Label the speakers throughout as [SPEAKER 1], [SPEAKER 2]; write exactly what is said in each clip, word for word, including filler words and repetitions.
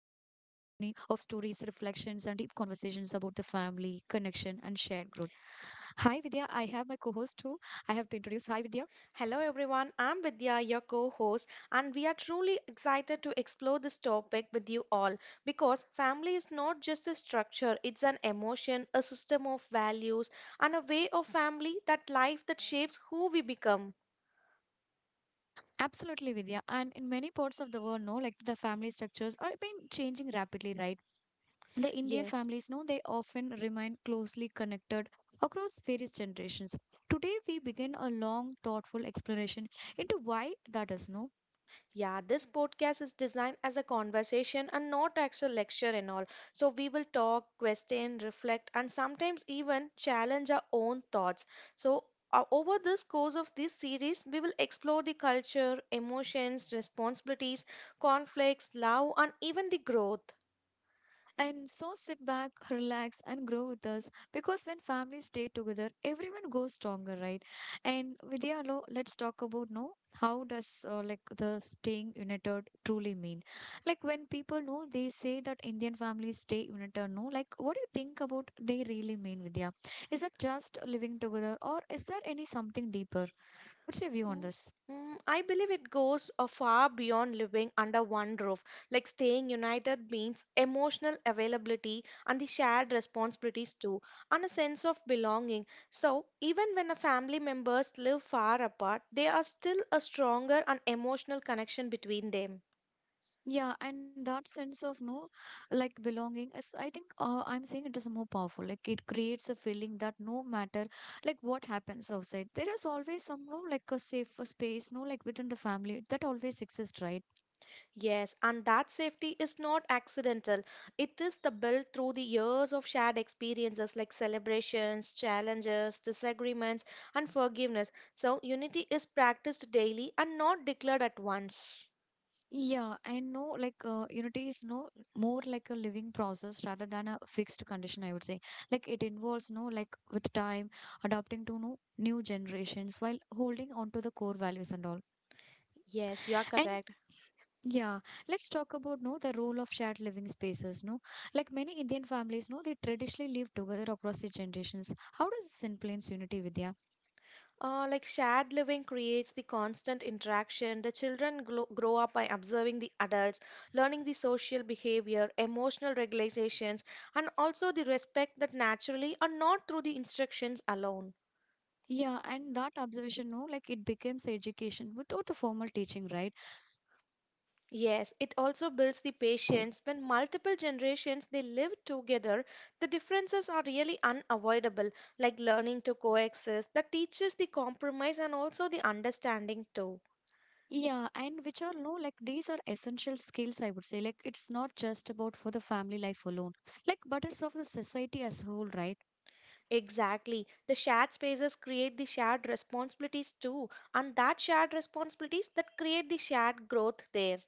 [SPEAKER 1] reflections, and deep conversations about the family, connection, and shared growth. Hi Vidya, I have my co-host who I have to introduce. Hi Vidya.
[SPEAKER 2] Hello everyone, I'm Vidya, your co host, and we are truly excited to explore this topic with you all because family is not just a structure, it's an emotion, a system of values, and a way of family that life that shapes who we become.
[SPEAKER 1] Absolutely, Vidya. And in many parts of the world, no, like the family structures are been changing rapidly, right? The Indian
[SPEAKER 2] Yes.
[SPEAKER 1] families know they often remain closely connected across various generations. Today, we begin a long, thoughtful exploration into why that is no.
[SPEAKER 2] Yeah, this podcast is designed as a conversation and not actual lecture and all. So we will talk, question, reflect, and sometimes even challenge our own thoughts. So uh, over this course of this series, we will explore the culture, emotions, responsibilities, conflicts, love, and even the growth.
[SPEAKER 1] And so sit back, relax, and grow with us because when families stay together, everyone goes stronger, right? And Vidya, lo- let's talk about no. How does uh, like the staying united truly mean? Like when people know they say that Indian families stay united, no. Like what do you think about they really mean, Vidya? Is it just living together, or is there any something deeper? What's your view on
[SPEAKER 2] Mm,
[SPEAKER 1] this?
[SPEAKER 2] mm, I believe it goes uh, far beyond living under one roof. Like staying united means emotional availability and the shared responsibilities too, and a sense of belonging. So, even when a family members live far apart, there are still a stronger and emotional connection between them.
[SPEAKER 1] Yeah, and that sense of no, like belonging is, I think, uh, I'm saying it is more powerful. Like it creates a feeling that no matter like what happens outside, there is always some no like a safe space, no like within the family that always exists, right?
[SPEAKER 2] Yes, and that safety is not accidental. It is the built through the years of shared experiences like celebrations, challenges, disagreements, and forgiveness. So unity is practiced daily and not declared at once.
[SPEAKER 1] Yeah, and no like uh, unity is no more like a living process rather than a fixed condition. I would say like it involves no like with time adapting to no new generations while holding on to the core values and all.
[SPEAKER 2] Yes, you are
[SPEAKER 1] And
[SPEAKER 2] correct.
[SPEAKER 1] yeah, let's talk about no the role of shared living spaces. No, like many Indian families, no they traditionally live together across the generations. How does this influence unity, Vidya?
[SPEAKER 2] Uh, like shared living creates the constant interaction. The children grow, grow up by observing the adults, learning the social behavior, emotional regulations, and also the respect that naturally are not through the instructions alone.
[SPEAKER 1] Yeah, and that observation, no, like it becomes education without the formal teaching, right?
[SPEAKER 2] Yes, it also builds the patience. When multiple generations they live together, the differences are really unavoidable, like learning to coexist. That teaches the compromise and also the understanding too.
[SPEAKER 1] Yeah, and which are no, like these are essential skills. I would say, like it's not just about for the family life alone, like but it's of the society as a whole, right?
[SPEAKER 2] Exactly. The shared spaces create the shared responsibilities too, and that shared responsibilities that create the shared growth there.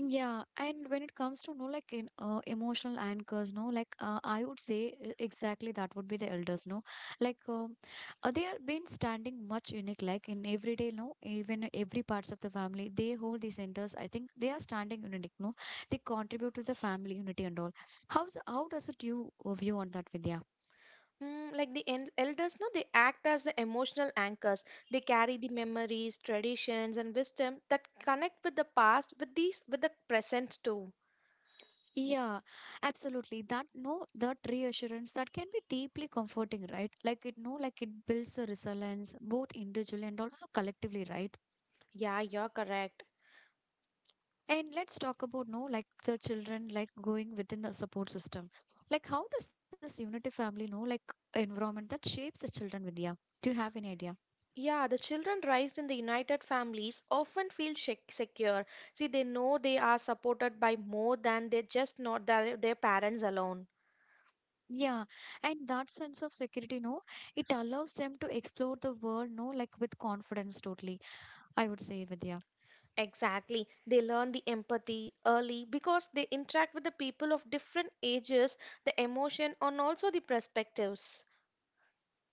[SPEAKER 1] Yeah, and when it comes to no like in uh, emotional anchors, no like uh, I would say uh, exactly that would be the elders, no like um, uh, they have been standing much unique like in everyday, no even every parts of the family they hold these centers. I think they are standing unique, no they contribute to the family unity and all. How's how does it you uh, view on that, Vidya?
[SPEAKER 2] Mm, like the en- elders, no, they act as the emotional anchors. They carry the memories, traditions, and wisdom that connect with the past, with these, with the present too.
[SPEAKER 1] Yeah, absolutely. That no, that reassurance that can be deeply comforting, right? Like it no, like it builds a resilience both individually and also collectively, right?
[SPEAKER 2] Yeah, you're correct.
[SPEAKER 1] And let's talk about no, like the children like going within the support system. Like how does this unity family know like environment that shapes the children, Vidya? Do you have any idea?
[SPEAKER 2] Yeah, the children raised in the united families often feel shec- secure. See, they know they are supported by more than they just not their, their parents alone.
[SPEAKER 1] Yeah, and that sense of security, no, it allows them to explore the world, no, like with confidence, totally. I would say, Vidya.
[SPEAKER 2] Exactly. They learn the empathy early because they interact with the people of different ages, the emotion, and also the perspectives.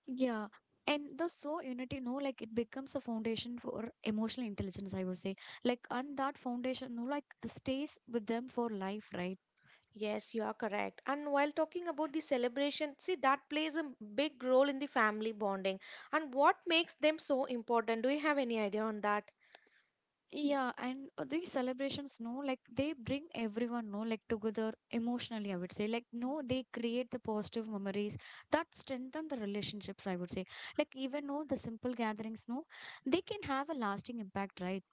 [SPEAKER 1] Yeah. And the so unity, no, like it becomes a foundation for emotional intelligence, I would say. Like, and that foundation, no, like the stays with them for life, right?
[SPEAKER 2] Yes, you are correct. And while talking about the celebration, see that plays a big role in the family bonding. And what makes them so important? Do you have any idea on that?
[SPEAKER 1] Yeah. And uh, these celebrations, no, like they bring everyone, no, like together emotionally, I would say. Like, no, they create the positive memories that strengthen the relationships, I would say. Like, even no, the simple gatherings, no, they can have a lasting impact, right?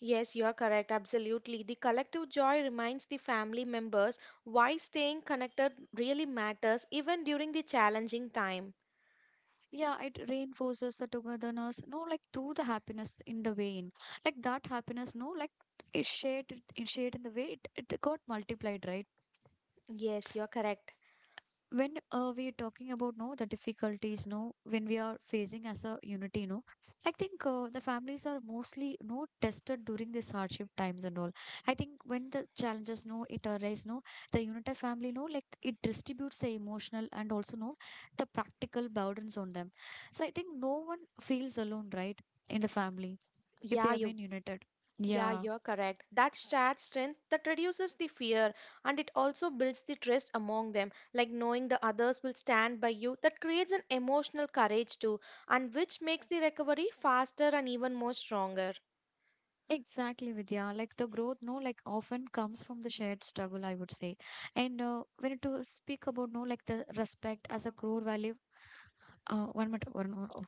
[SPEAKER 2] Yes, you are correct. Absolutely. The collective joy reminds the family members why staying connected really matters even during the challenging time.
[SPEAKER 1] Yeah, it reinforces the togetherness no like through the happiness in the vein, like that happiness no like it shared it shared in the way it, it got multiplied, right?
[SPEAKER 2] Yes, you are correct.
[SPEAKER 1] When uh, we are talking about no the difficulties no when we are facing as a unity no, I think uh, the families are mostly no tested during this hardship times and all. I think when the challenges no it arise no, the united family no like it distributes the emotional and also no the practical burdens on them. So I think no one feels alone, right? In the family if they
[SPEAKER 2] Yeah,
[SPEAKER 1] have
[SPEAKER 2] you
[SPEAKER 1] been united.
[SPEAKER 2] Yeah,
[SPEAKER 1] Yeah.
[SPEAKER 2] you're correct. That shared strength that reduces the fear and it also builds the trust among them. Like knowing the others will stand by you, that creates an emotional courage too, and which makes the recovery faster and even more stronger.
[SPEAKER 1] Exactly, Vidya. Like the growth, no, like often comes from the shared struggle, I would say. And uh, when to speak about, no, like the respect as a core value, uh, one minute, one more. Oh,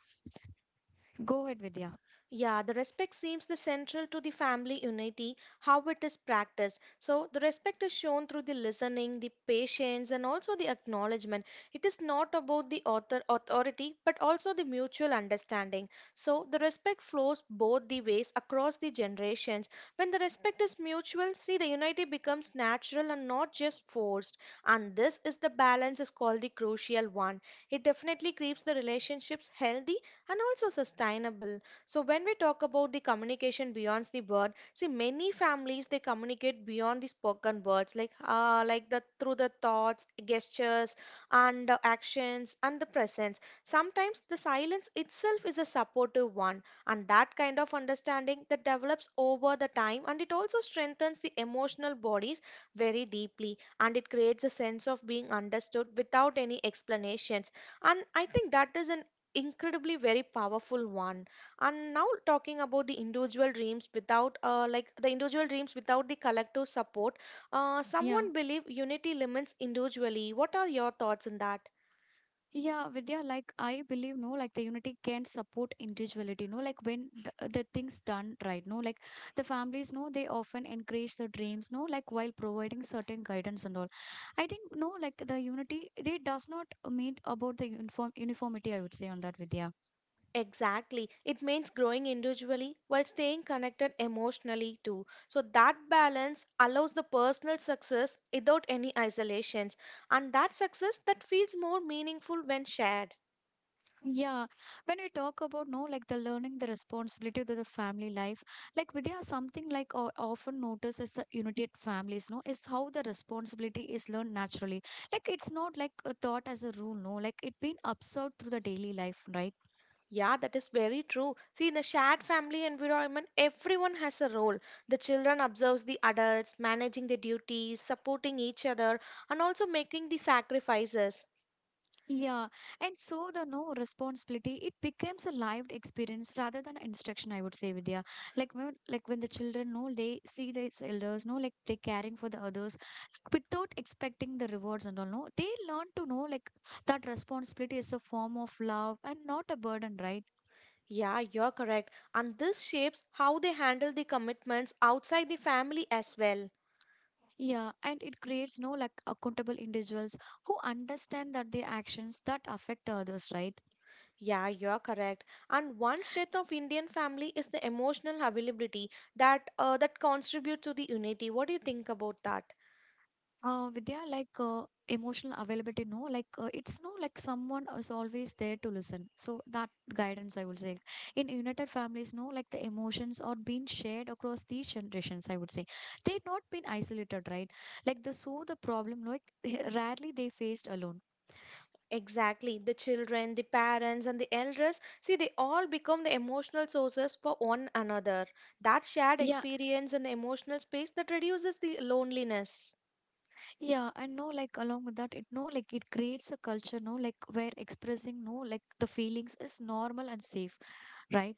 [SPEAKER 1] go ahead, Vidya.
[SPEAKER 2] Yeah, the respect seems the central to the family unity, how it is practiced. So the respect is shown through the listening, the patience, and also the acknowledgement. It is not about the author authority, but also the mutual understanding. So the respect flows both the ways across the generations. When the respect is mutual, see the unity becomes natural and not just forced. And this is the balance is called the crucial one. It definitely keeps the relationships healthy and also sustainable. So when we talk about the communication beyond the word, see many families they communicate beyond the spoken words, like uh, like the through the thoughts, gestures, and the actions and the presence. Sometimes the silence itself is a supportive one, and that kind of understanding that develops over the time, and it also strengthens the emotional bodies very deeply, and it creates a sense of being understood without any explanations. And I think that is an incredibly very powerful one. And now talking about the individual dreams without uh, like the individual dreams without the collective support, uh,
[SPEAKER 1] Yeah.
[SPEAKER 2] someone believe unity limits individually. What are your thoughts on that?
[SPEAKER 1] Yeah, Vidya, like I believe, no, like the unity can support individuality, no, like when the, the things done right, no, like the families, no, they often encourage the dreams, no, like while providing certain guidance and all. I think, no, like the unity, they does not mean about the uniform uniformity, I would say on that, Vidya.
[SPEAKER 2] Exactly. It means growing individually while staying connected emotionally too, so that balance allows the personal success without any isolations, and that success that feels more meaningful when shared.
[SPEAKER 1] Yeah, when we talk about no, like the learning, the responsibility to the family life, like Vidya, something like o- often noticed as the immediate families, no, is how the responsibility is learned naturally. Like it's not like a thought as a rule, no, like it been observed through the daily life, right?
[SPEAKER 2] Yeah, that is very true. See, in the shared family environment, everyone has a role. The children observes the adults, managing the duties, supporting each other, and also making the sacrifices.
[SPEAKER 1] Yeah, and so the no responsibility it becomes a lived experience rather than instruction. I would say, Vidya, like when like when the children know they see these elders, no, like they caring for the others like, without expecting the rewards and all. No, they learn to know like that responsibility is a form of love and not a burden, right?
[SPEAKER 2] Yeah, you're correct. And this shapes how they handle the commitments outside the family as well.
[SPEAKER 1] Yeah, and it creates no like accountable individuals who understand that their actions that affect others, right?
[SPEAKER 2] Yeah, you're correct. And one strength of Indian family is the emotional availability that uh, that contribute to the unity. What do you think about that?
[SPEAKER 1] Uh vidya, like uh, emotional availability no like uh, it's no like someone is always there to listen, so that guidance I would say. In united families no like the emotions are being shared across these generations, I would say. They've not been isolated, right? Like the so the problem like rarely they faced alone.
[SPEAKER 2] Exactly. The children, the parents, and the elders, see, they all become the emotional sources for one another. That shared
[SPEAKER 1] Yeah.
[SPEAKER 2] experience and the emotional space that reduces the loneliness.
[SPEAKER 1] Yeah, and no, like along with that, it no, like it creates a culture, no, like where expressing no, like the feelings is normal and safe, right?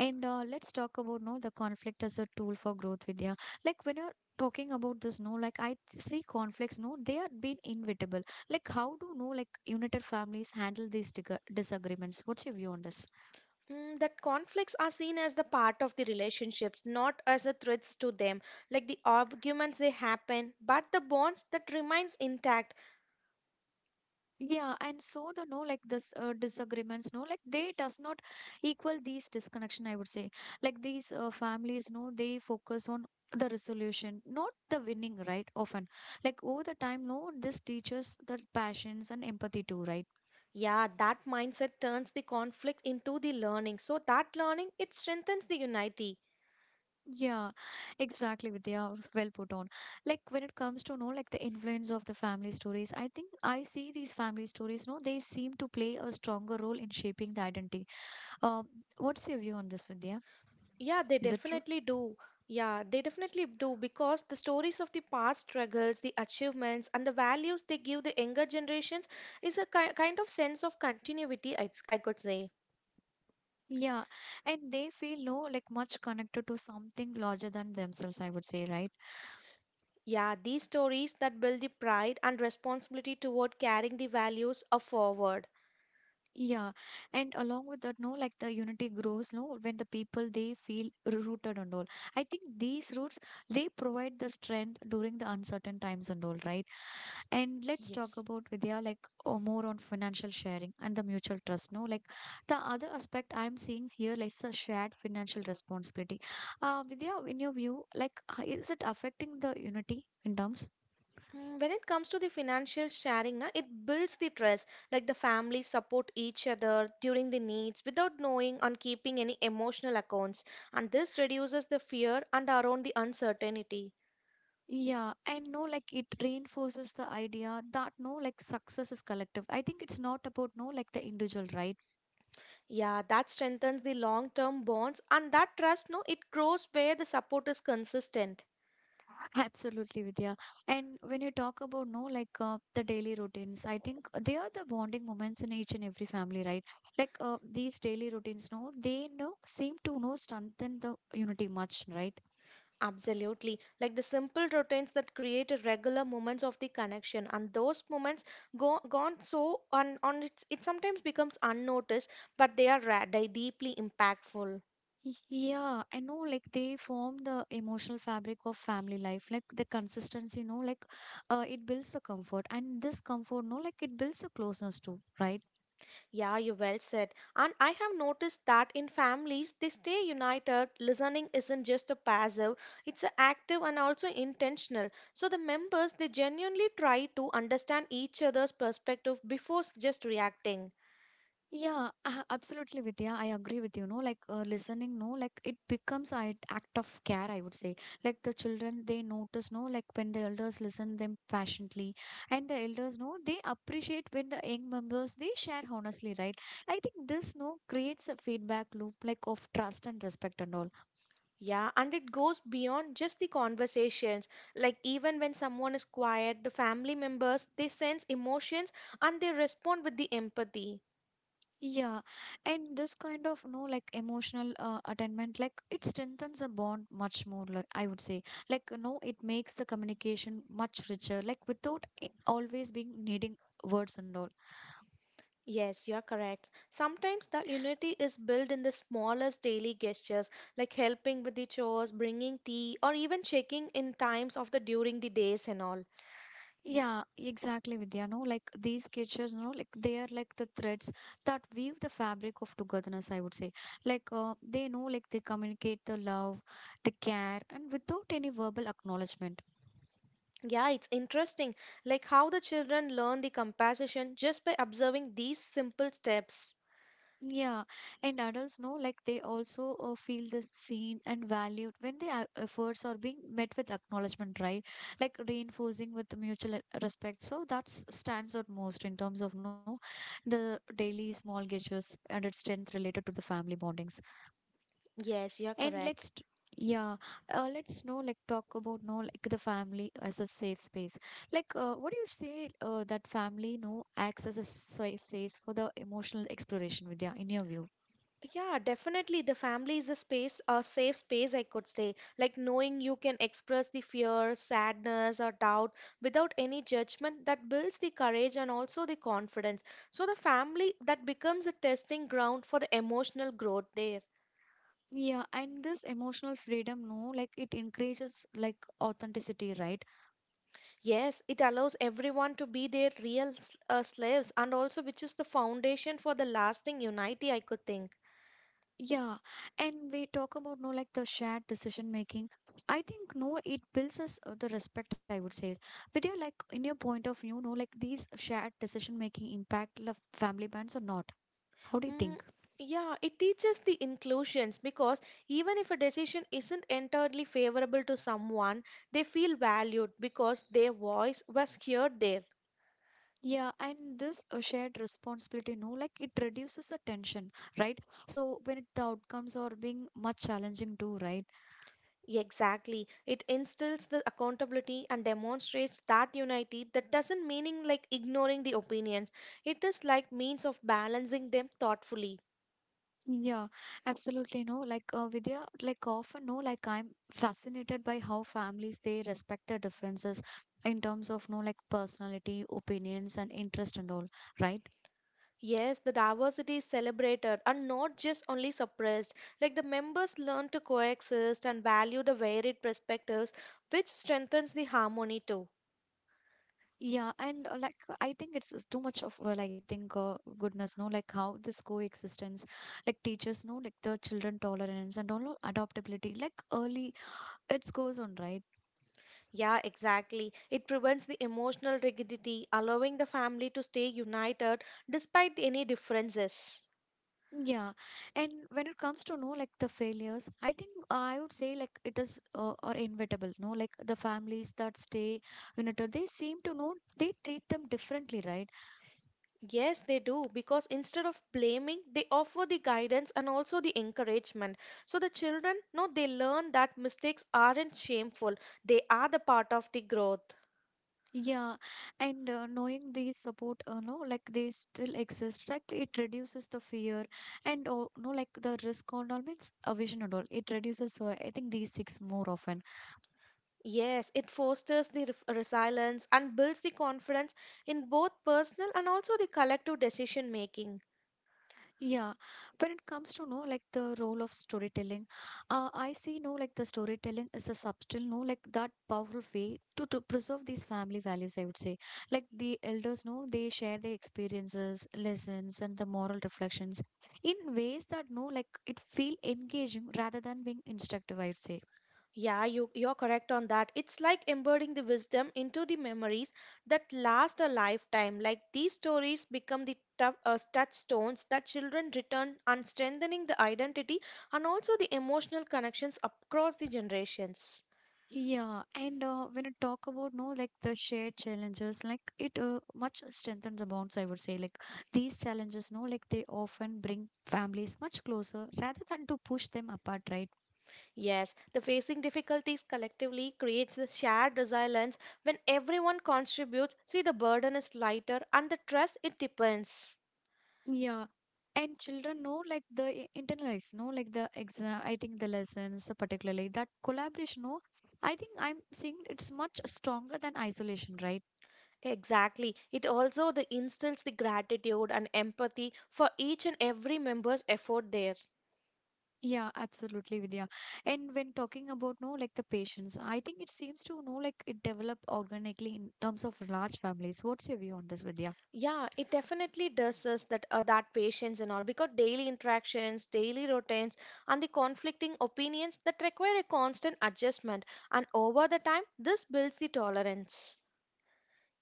[SPEAKER 1] And uh, let's talk about no, the conflict as a tool for growth, Vidya. Like when you're talking about this, no, like I see conflicts, no, they are being inevitable. Like how do no, like united families handle these dig disagreements? What's your view on this?
[SPEAKER 2] Mm, that conflicts are seen as the part of the relationships, not as the threats to them. Like the arguments they happen, but the bonds that remains intact.
[SPEAKER 1] Yeah, and so the no like this uh, disagreements no like they does not equal these disconnection, I would say. Like these uh, families no they focus on the resolution, not the winning, right? Often like over the time no this teaches the passions and empathy too, right?
[SPEAKER 2] Yeah, that mindset turns the conflict into the learning. So that learning it strengthens the unity.
[SPEAKER 1] Yeah, exactly, Vidya, well put on. Like when it comes to no like the influence of the family stories, I think I see these family stories no they seem to play a stronger role in shaping the identity. um what's your view on this, Vidya?
[SPEAKER 2] Yeah, they
[SPEAKER 1] Is it true?
[SPEAKER 2] definitely do. Yeah, they definitely do because the stories of the past struggles, the achievements, and the values they give the younger generations is a ki kind of sense of continuity, I, I could say.
[SPEAKER 1] Yeah, and they feel no like much connected to something larger than themselves, I would say, right?
[SPEAKER 2] Yeah, these stories that build the pride and responsibility toward carrying the values of forward.
[SPEAKER 1] Yeah, and along with that, no, like the unity grows, no, when the people they feel rooted and all. I think these roots they provide the strength during the uncertain times and all, right? And let's talk
[SPEAKER 2] Yes.
[SPEAKER 1] about Vidya, like or more on financial sharing and the mutual trust, no, like the other aspect I'm seeing here, like the shared financial responsibility. Uh, Vidya, in your view, like h- is it affecting the unity in terms?
[SPEAKER 2] Mm, When it comes to the financial sharing, na, it builds the trust. Like the families support each other during the needs without knowing and keeping any emotional accounts. And this reduces the fear and around the uncertainty.
[SPEAKER 1] Yeah, and no, like it reinforces the idea that no, like success is collective. I think it's not about no, like the individual, right?
[SPEAKER 2] Yeah, that strengthens the long-term bonds and that trust, no, it grows where the support is consistent.
[SPEAKER 1] Absolutely, Vidya. And when you talk about no, like uh, the daily routines, I think they are the bonding moments in each and every family, right? Like uh, these daily routines, no, they no seem to no strengthen the unity much, right?
[SPEAKER 2] Absolutely. Like the simple routines that create a regular moments of the connection and those moments go gone so on on it's, it sometimes becomes unnoticed, but they are ra- they deeply impactful.
[SPEAKER 1] Y- Yeah, I know like they form the emotional fabric of family life, like the consistency, no, like uh, it builds the comfort and this comfort, no, like it builds the closeness too, right?
[SPEAKER 2] Yeah, you well said. And I have noticed that in families they stay united. Listening isn't just a passive, it's a active and also intentional. So the members they genuinely try to understand each other's perspective before s- just reacting.
[SPEAKER 1] Yeah, a- absolutely, Vidya. I agree with you. No, like uh, listening, no, like it becomes an act of care, I would say. Like the children, they notice, no, like when the elders listen them passionately, and the elders, no, they appreciate when the young members they share honestly, right? I think this, no, creates a feedback loop, like of trust and respect and all.
[SPEAKER 2] Yeah, and it goes beyond just the conversations. Like, even when someone is quiet, the family members they sense emotions and they respond with the empathy.
[SPEAKER 1] Yeah, and this kind of no like emotional uh, attainment, like it strengthens a bond much more. Like I would say, like no, it makes the communication much richer. Like without i- always being needing words and all.
[SPEAKER 2] Yes, you are correct. Sometimes the unity is built in the smallest daily gestures, like helping with the chores, bringing tea, or even checking in times of the during the days and all.
[SPEAKER 1] Yeah, exactly, Vidya. No, like these gestures, no, like they are like the threads that weave the fabric of togetherness. I would say, like uh, they know, like they communicate the love, the care, and without any verbal acknowledgement.
[SPEAKER 2] Yeah, it's interesting, like how the children learn the compassion just by observing these simple steps.
[SPEAKER 1] Yeah, and adults know like they also uh, feel the seen and valued when their efforts are being met with acknowledgement, right? Like reinforcing with mutual uh, respect. So that stands out most in terms of no the daily small gestures and its strength related to the family bondings.
[SPEAKER 2] Yes, you are
[SPEAKER 1] And
[SPEAKER 2] correct.
[SPEAKER 1] let's t- yeah, uh, let's know like talk about no like the family as a safe space. Like uh, what do you say uh, that family no acts as a safe space for the emotional exploration, Vidya, in your view?
[SPEAKER 2] Yeah, definitely. The family is a space, a safe space, I could say. Like knowing you can express the fear, sadness, or doubt without any judgment that builds the courage and also the confidence. So the family that becomes a testing ground for the emotional growth there.
[SPEAKER 1] Yeah, and this emotional freedom, no, like it encourages like authenticity, right?
[SPEAKER 2] Yes, it allows everyone to be their real s- uh, slaves and also which is the foundation for the lasting unity, I could think.
[SPEAKER 1] Yeah, and we talk about no, like the shared decision making. I think no, it builds us uh, the respect. I would say, Vidya, like in your point of view, no, like these shared decision making impact the family bands or not? How do you
[SPEAKER 2] Mm,
[SPEAKER 1] think?
[SPEAKER 2] yeah, it teaches the inclusions because even if a decision isn't entirely favorable to someone, they feel valued because their voice was heard there.
[SPEAKER 1] Yeah, and this uh, shared responsibility, no, like it reduces the tension, right? So when it, the outcomes are being much challenging too, right?
[SPEAKER 2] Exactly. It instills the accountability and demonstrates that unity that doesn't meaning like ignoring the opinions. It is like means of balancing them thoughtfully.
[SPEAKER 1] Yeah, absolutely. No, like uh, Vidya, like often, no, like I'm fascinated by how families they respect the differences in terms of no, like personality, opinions, and interest and all, right?
[SPEAKER 2] Yes, the diversity is celebrated and not just only suppressed. Like the members learn to coexist and value the varied perspectives, which strengthens the harmony too.
[SPEAKER 1] Yeah, and uh, like I think it's it's too much of uh, like I think uh, goodness, no, like how this coexistence, like teaches, no, like the children tolerance and all no, adaptability, like early it goes on, right?
[SPEAKER 2] Yeah, exactly. It prevents the emotional rigidity, allowing the family to stay united despite any differences.
[SPEAKER 1] Yeah, and when it comes to know like the failures, I think uh, I would say like it is uh, or inevitable. No, like the families that stay you know, they seem to know they treat them differently, right?
[SPEAKER 2] Yes, they do, because instead of blaming, they offer the guidance and also the encouragement. So the children, no, they learn that mistakes aren't shameful, they are the part of the growth.
[SPEAKER 1] Yeah, and uh, knowing these support, uh, no, like they still exist, like it reduces the fear and uh, no, like the risk on all means a vision and all. It reduces. Uh, I think these six more often.
[SPEAKER 2] Yes, it fosters the ref- resilience and builds the confidence in both personal and also the collective decision making.
[SPEAKER 1] Yeah, when it comes to know like the role of storytelling, uh, I see no like the storytelling is a subtle no like that powerful way to to preserve these family values. I would say like the elders know they share their experiences, lessons, and the moral reflections in ways that no like it feel engaging rather than being instructive. I would say.
[SPEAKER 2] Yeah, you, you're correct on that. It's like embedding the wisdom into the memories that last a lifetime. Like these stories become the tough, uh, touchstones that children return and strengthening the identity and also the emotional connections across the generations.
[SPEAKER 1] Yeah, and uh, when I talk about no like the shared challenges, like it uh, much strengthens the bonds. I would say like these challenges, no, like they often bring families much closer rather than to push them apart, right?
[SPEAKER 2] Yes, the facing difficulties collectively creates the shared resilience when everyone contributes. See, the burden is lighter and the trust it depends.
[SPEAKER 1] Yeah, and children know like the i- internalize, no, like the exam. I think the lessons, uh, particularly that collaboration, no, I think I'm seeing it's much stronger than isolation, right?
[SPEAKER 2] Exactly. It also the instills the gratitude and empathy for each and every member's effort there.
[SPEAKER 1] Yeah, absolutely, Vidya. And when talking about no, like the patients, I think it seems to know like it developed organically in terms of large families. What's your view on this, Vidya?
[SPEAKER 2] Yeah, it definitely does us that uh, that patience and all because daily interactions, daily routines, and the conflicting opinions that require a constant adjustment, and over the time, this builds the tolerance.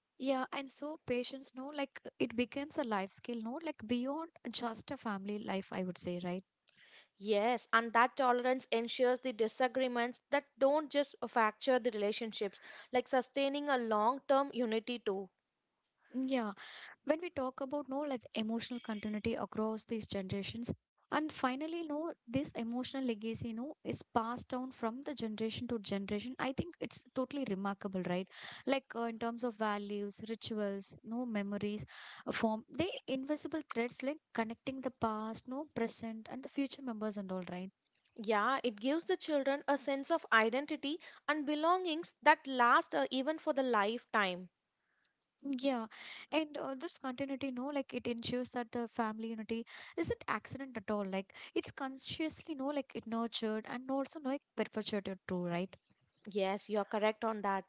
[SPEAKER 1] Yeah, and so patients know like it becomes a life skill, no, like beyond just a family life, I would say, right?
[SPEAKER 2] Yes, and that tolerance ensures the disagreements that don't just fracture the relationships, like sustaining a long term unity too.
[SPEAKER 1] Yeah, when we talk about no like emotional continuity across these generations and finally no this emotional legacy no is passed down from the generation to generation I think it's totally remarkable right like uh, in terms of values rituals no memories uh, form they invisible threads like connecting the past no present and the future members and all right.
[SPEAKER 2] Yeah, it gives the children a sense of identity and belongings that last uh, even for the lifetime.
[SPEAKER 1] Yeah, and uh, this continuity, no, like it ensures that the family unity isn't accident at all. Like it's consciously, no, like it nurtured and also, no, like perpetuated too, right?
[SPEAKER 2] Yes, you're correct on that.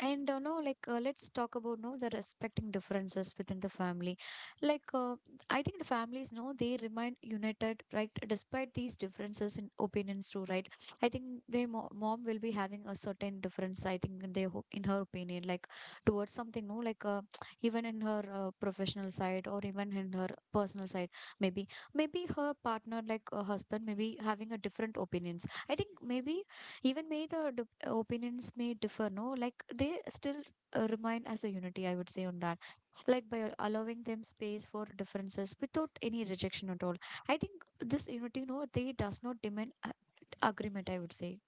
[SPEAKER 1] And uh, no, like uh, let's talk about no the respecting differences within the family. Like uh, I think the families know they remain united, right? Despite these differences in opinions, too, right? I think their mo- mom will be having a certain difference. I think in their ho- in her opinion, like towards something, no, like uh, even in her uh, professional side or even in her personal side, maybe maybe her partner, like her husband, maybe having a different opinions. I think maybe even may the d- opinions may differ no like they still uh, remain as a unity I would say on that like by allowing them space for differences without any rejection at all I think this unity no they does not demand a- agreement I would say.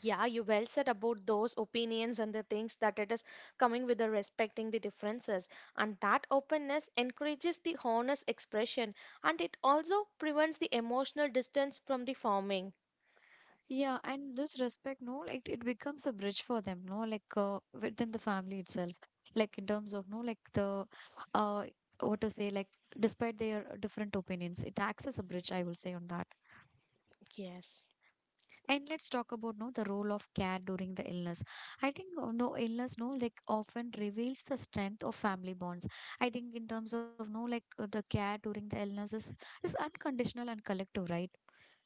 [SPEAKER 2] Yeah, you well said about those opinions and the things that it is coming with the respecting the differences. And that openness encourages the honest expression and it also prevents the emotional distance from the forming.
[SPEAKER 1] Yeah, and this respect no like it becomes a bridge for them no like uh, within the family itself like in terms of no like the uh what to say like despite their different opinions it acts as a bridge I will say on that.
[SPEAKER 2] Yes.
[SPEAKER 1] And let's talk about no the role of care during the illness. I think uh, no illness no like often reveals the strength of family bonds. I think in terms of no like uh, the care during the illness is, is unconditional and collective, right?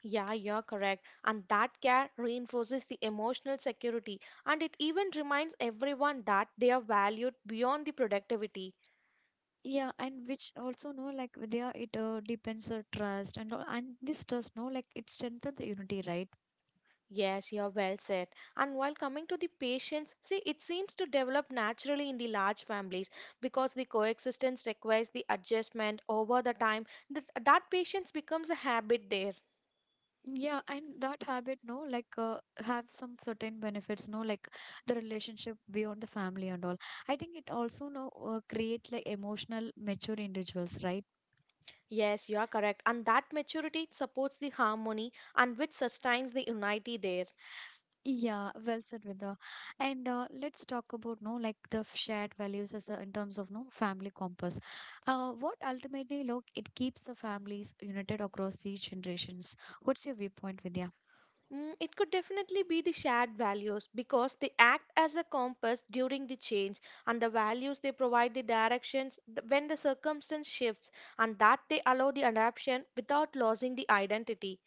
[SPEAKER 2] Yeah, you're correct. And that care reinforces the emotional security, and it even reminds everyone that they are valued beyond the productivity.
[SPEAKER 1] Yeah, and which also no like there it uh, depends on trust and all- and this trust no like it strengthens the unity, right?
[SPEAKER 2] Yes, you're well said. And while coming to the patients, see, it seems to develop naturally in the large families because the coexistence requires the adjustment over the time. That, that patience becomes a habit there.
[SPEAKER 1] Yeah, and that habit, no, like uh, have some certain benefits, no, like the relationship beyond the family and all. I think it also no uh, create like emotional mature individuals, right?
[SPEAKER 2] Yes, you are correct. And that maturity supports the harmony and which sustains the unity there.
[SPEAKER 1] Yeah, well said, Vidya. And uh, let's talk about no, like the f- shared values as a, in terms of no family compass. Uh, what ultimately, look, it keeps the families united across these generations. What's your viewpoint, Vidya?
[SPEAKER 2] Mm, it could definitely be the shared values because they act as a compass during the change, and the values they provide the directions th- when the circumstance shifts, and that they allow the adaptation without losing the identity.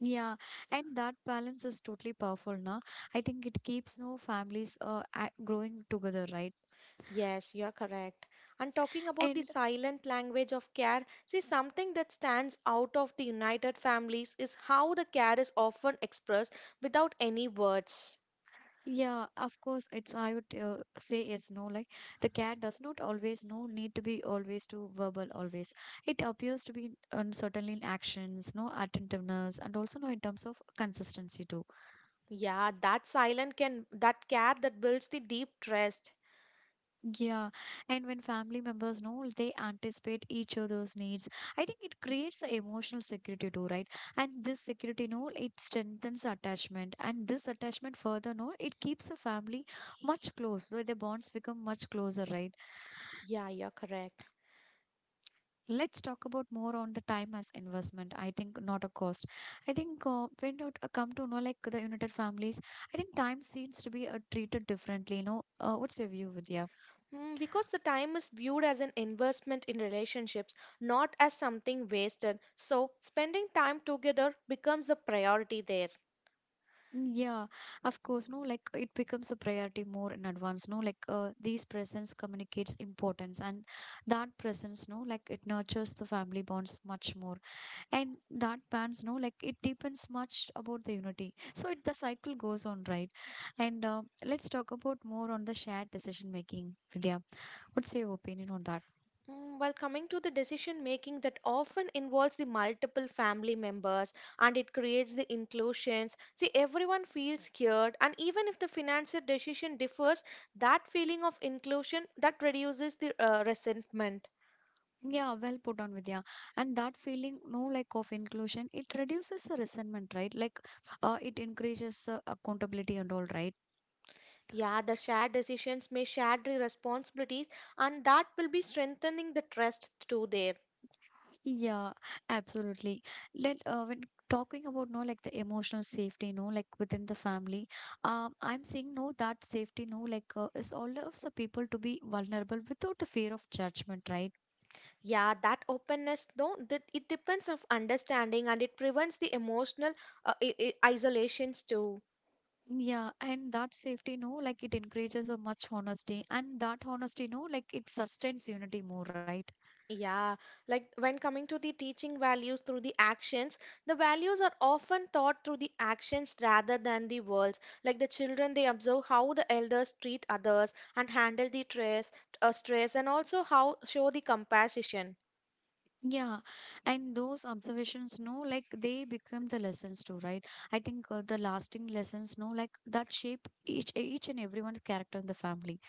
[SPEAKER 1] Yeah, and that balance is totally powerful now. I think it keeps no families uh, a- growing together, right?
[SPEAKER 2] Yes, you are correct. And talking about the
[SPEAKER 1] And
[SPEAKER 2] silent language of care, see something that stands out of the United Families is how the care is often expressed without any words.
[SPEAKER 1] yeah, of course, it's I would uh, say yes, no. Like the cat does not always no need to be always to verbal always. It appears to be uncertainly in actions, no attentiveness, and also no in terms of consistency too.
[SPEAKER 2] Yeah, that silent can that care that builds the deep trust.
[SPEAKER 1] Yeah, and when family members know they anticipate each other's needs, I think it creates a emotional security too, right? And this security, no, it strengthens attachment, and this attachment further, no, it keeps the family much close. So the bonds become much closer, right?
[SPEAKER 2] Yeah, you're correct.
[SPEAKER 1] Let's talk about more on the time as investment. I think not a cost. I think uh, when it uh, come to know like the United Families, I think time seems to be uh, treated differently. You know, uh, what's your view, Vidya?
[SPEAKER 2] Mm, because the time is viewed as an investment in relationships, not as something wasted. So, spending time together becomes the priority there.
[SPEAKER 1] Yeah, of course, no, like it becomes a priority more in advance, no, like uh, these presence communicates importance and that presence, no, like it nurtures the family bonds much more. And that bonds, no, like it deepens much about the unity. So it, the cycle goes on, right? And uh, let's talk about more on the shared decision making, Vidya. What's your opinion on that?
[SPEAKER 2] Mm, while coming to the decision making that often involves the multiple family members and it creates the inclusions. See, everyone feels scared, and even if the financial decision differs, that feeling of inclusion that reduces the uh, resentment.
[SPEAKER 1] Yeah, well put on Vidya. And that feeling, no like of inclusion, it reduces the resentment, right? Like, uh, it increases the accountability and all, right?
[SPEAKER 2] Yeah, the shared decisions may shared the responsibilities, and that will be strengthening the trust through there.
[SPEAKER 1] Yeah, absolutely. Let uh, when talking about no like the emotional safety, no like within the family, um, I'm saying no that safety, no like uh, is allows the people to be vulnerable without the fear of judgment, right?
[SPEAKER 2] Yeah, that openness though that it depends of understanding and it prevents the emotional uh, i- i- isolations too.
[SPEAKER 1] Yeah, and that safety, no, like it encourages a much honesty, and that honesty, no, like it sustains unity more, right?
[SPEAKER 2] Yeah, like when coming to the teaching values through the actions, the values are often taught through the actions rather than the words. Like the children, they observe how the elders treat others and handle the stress, uh, stress, and also how show the compassion.
[SPEAKER 1] Yeah, and those observations, no, like they become the lessons too, right? I think uh, the lasting lessons, no, like that shape each each and everyone's character in the family.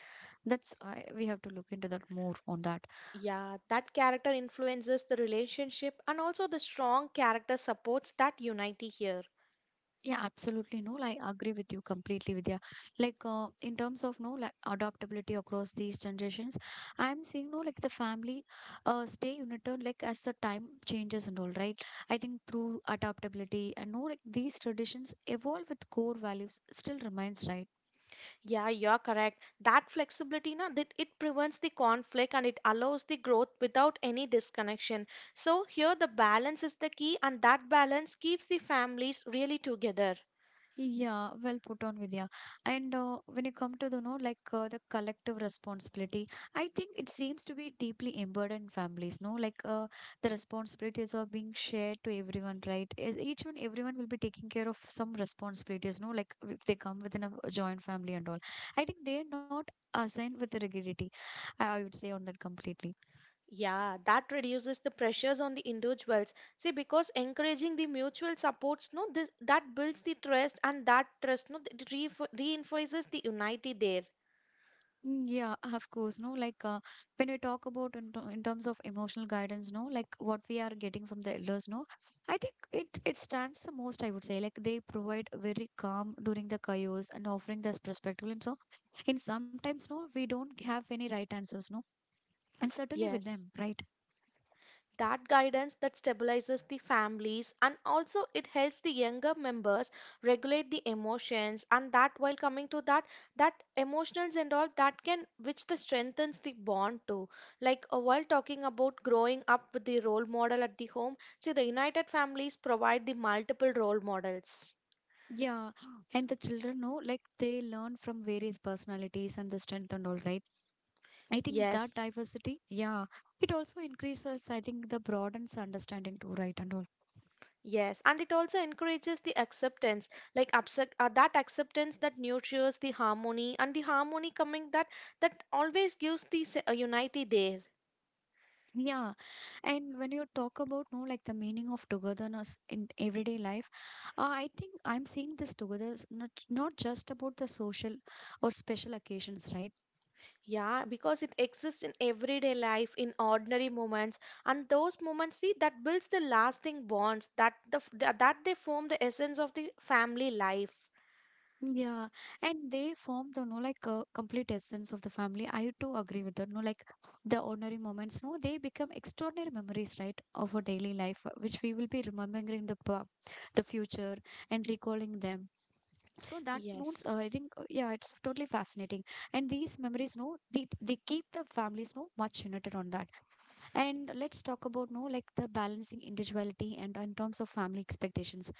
[SPEAKER 1] That's I we have to look into that more on that.
[SPEAKER 2] Yeah, that character influences the relationship, and also the strong character supports that unity here.
[SPEAKER 1] Yeah, absolutely. No, like, I agree with you completely, Vidya. Like, uh, in terms of no, like, adaptability across these generations, I'm seeing no, like, the family uh, stay united, like, as the time changes and all, right? I think through adaptability and no, like, these traditions evolve with core values still remains, right?
[SPEAKER 2] Yeah, you're correct. That flexibility, na, that it prevents the conflict and it allows the growth without any disconnection. So here the balance is the key, and that balance keeps the families really together.
[SPEAKER 1] Yeah, well put on, Vidya. And uh, when you come to the, know, like uh, the collective responsibility, I think it seems to be deeply embedded in families, no? Like uh, the responsibilities are being shared to everyone, right? Is each one, everyone will be taking care of some responsibilities, no? Like if they come within a joint family and all. I think they're not assigned with the rigidity. I, I would say on that completely.
[SPEAKER 2] Yeah, that reduces the pressures on the individuals. See, because encouraging the mutual supports, no, this that builds the trust and that trust, no, it re reinforces the unity there.
[SPEAKER 1] Mm, yeah, of course, no, like uh, when we talk about in, ter- in terms of emotional guidance, no, like what we are getting from the elders, no, I think it it stands the most, I would say, like they provide very calm during the chaos and offering this perspective, and so in sometimes, no, we don't have any right answers, no, and certainly with
[SPEAKER 2] Yes,
[SPEAKER 1] them, right?
[SPEAKER 2] that guidance that stabilizes the families and also it helps the younger members regulate the emotions, and that while coming to that, that emotions and all that can which the strengthens the bond too, like uh, while talking about growing up with the role model at the home, see the united families provide the multiple role models.
[SPEAKER 1] Yeah, and the children, no, like they learn from various personalities and the strength and all, right? I think that
[SPEAKER 2] Yes.
[SPEAKER 1] diversity, yeah, it also increases, I think, the broadens understanding too, right, and all.
[SPEAKER 2] Yes, and it also encourages the acceptance, like accept, uh, that acceptance that nurtures the harmony, and the harmony coming that that always gives the se- uh, unity there.
[SPEAKER 1] Yeah, and when you talk about no like the meaning of togetherness in everyday life, uh, I think I'm seeing this togetherness not not just about the social or special occasions, right?
[SPEAKER 2] Yeah, because it exists in everyday life, in ordinary moments, and those moments, see, that builds the lasting bonds that the f- that that they form the essence of the family life.
[SPEAKER 1] Yeah, and they form the no like uh, complete essence of the family. I too agree with that. No, like the ordinary moments, no, they become extraordinary memories, right, of our daily life, uh, which we will be remembering in the pa- the future and recalling them. So that means
[SPEAKER 2] Yes.
[SPEAKER 1] uh, I think uh, yeah, it's totally fascinating, and these memories, no, they, they keep the families no much united on that. And let's talk about no like the balancing individuality and in terms of family expectations,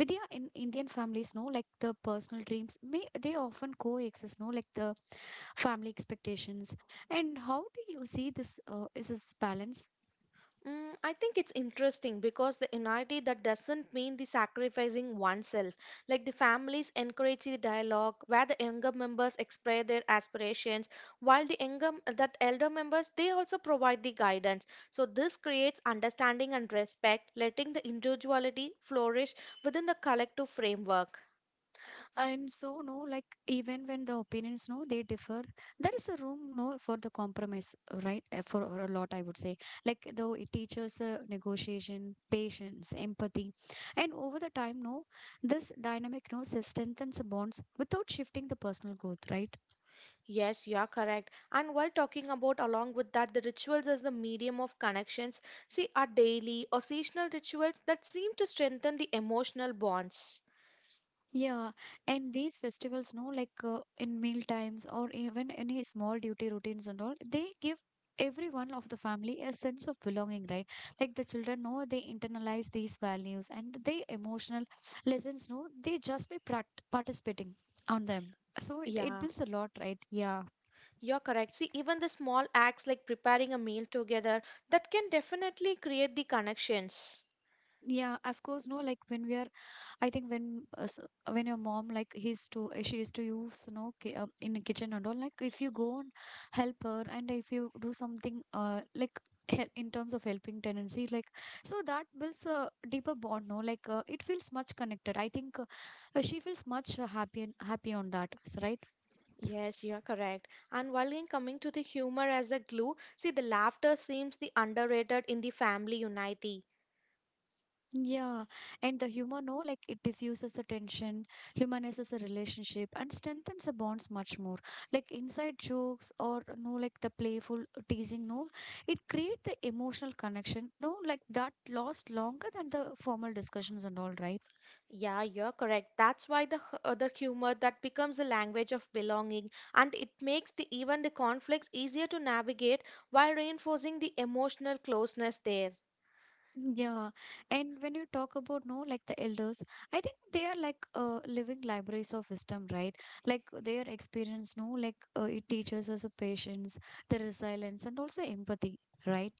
[SPEAKER 1] Vidya. In Indian families, no, like the personal dreams may they often coexist no like the family expectations, and how do you see this, uh, is this balance?
[SPEAKER 2] Mm, I think it's interesting because the unity that doesn't mean the sacrificing oneself. Like the families encourage the dialogue where the younger members express their aspirations, while the younger that elder members they also provide the guidance. So this creates understanding and respect, letting the individuality flourish within the collective framework.
[SPEAKER 1] And so no like even when the opinions no they differ, there is a room no for the compromise, right? Uh, for, for a lot, I would say, like though it teaches uh, negotiation, patience, empathy. And over the time no this dynamic no s- strengthens bonds without shifting the personal growth, right?
[SPEAKER 2] Yes, you are correct. And while talking about, along with that, the rituals as the medium of connections, see, are daily or seasonal rituals that seem to strengthen the emotional bonds.
[SPEAKER 1] Yeah, and these festivals, no, like uh, in meal times or even any small duty routines and all, they give everyone of the family a sense of belonging, right? Like the children know they internalize these values, and they emotional lessons, no, they just be prac participating on them. So it, it
[SPEAKER 2] Yeah,
[SPEAKER 1] builds a lot, right? Yeah.
[SPEAKER 2] you're correct. See, even the small acts like preparing a meal together that can definitely create the connections.
[SPEAKER 1] Yeah, of course, no, like when we are, I think when uh, s- when your mom, like he's to uh, she is to use, you know, ki- uh, in the kitchen and all, like if you go and help her, and if you do something uh like hel- in terms of helping tendency, like so that builds a deeper bond, no, like uh, it feels much connected, I think, uh, uh, she feels much uh, happy and happy on that s- right.
[SPEAKER 2] Yes, you are correct. And while in coming to the humor as a glue, see, the laughter seems the underrated in the family unity.
[SPEAKER 1] Yeah, and the humor, no, like it diffuses the tension, humanizes a relationship, and strengthens the bonds much more. Like inside jokes or no, like the playful teasing, no, it create the emotional connection, no, like that lasts longer than the formal discussions and all, right?
[SPEAKER 2] Yeah, you're correct. That's why the hu- uh, the humor that becomes a language of belonging, and it makes the even the conflicts easier to navigate while reinforcing the emotional closeness there.
[SPEAKER 1] Yeah, and when you talk about no, like the elders, I think they are like uh, living libraries of wisdom, right? Like their experience, no, like uh, it teaches us a patience, the resilience, and also empathy, right?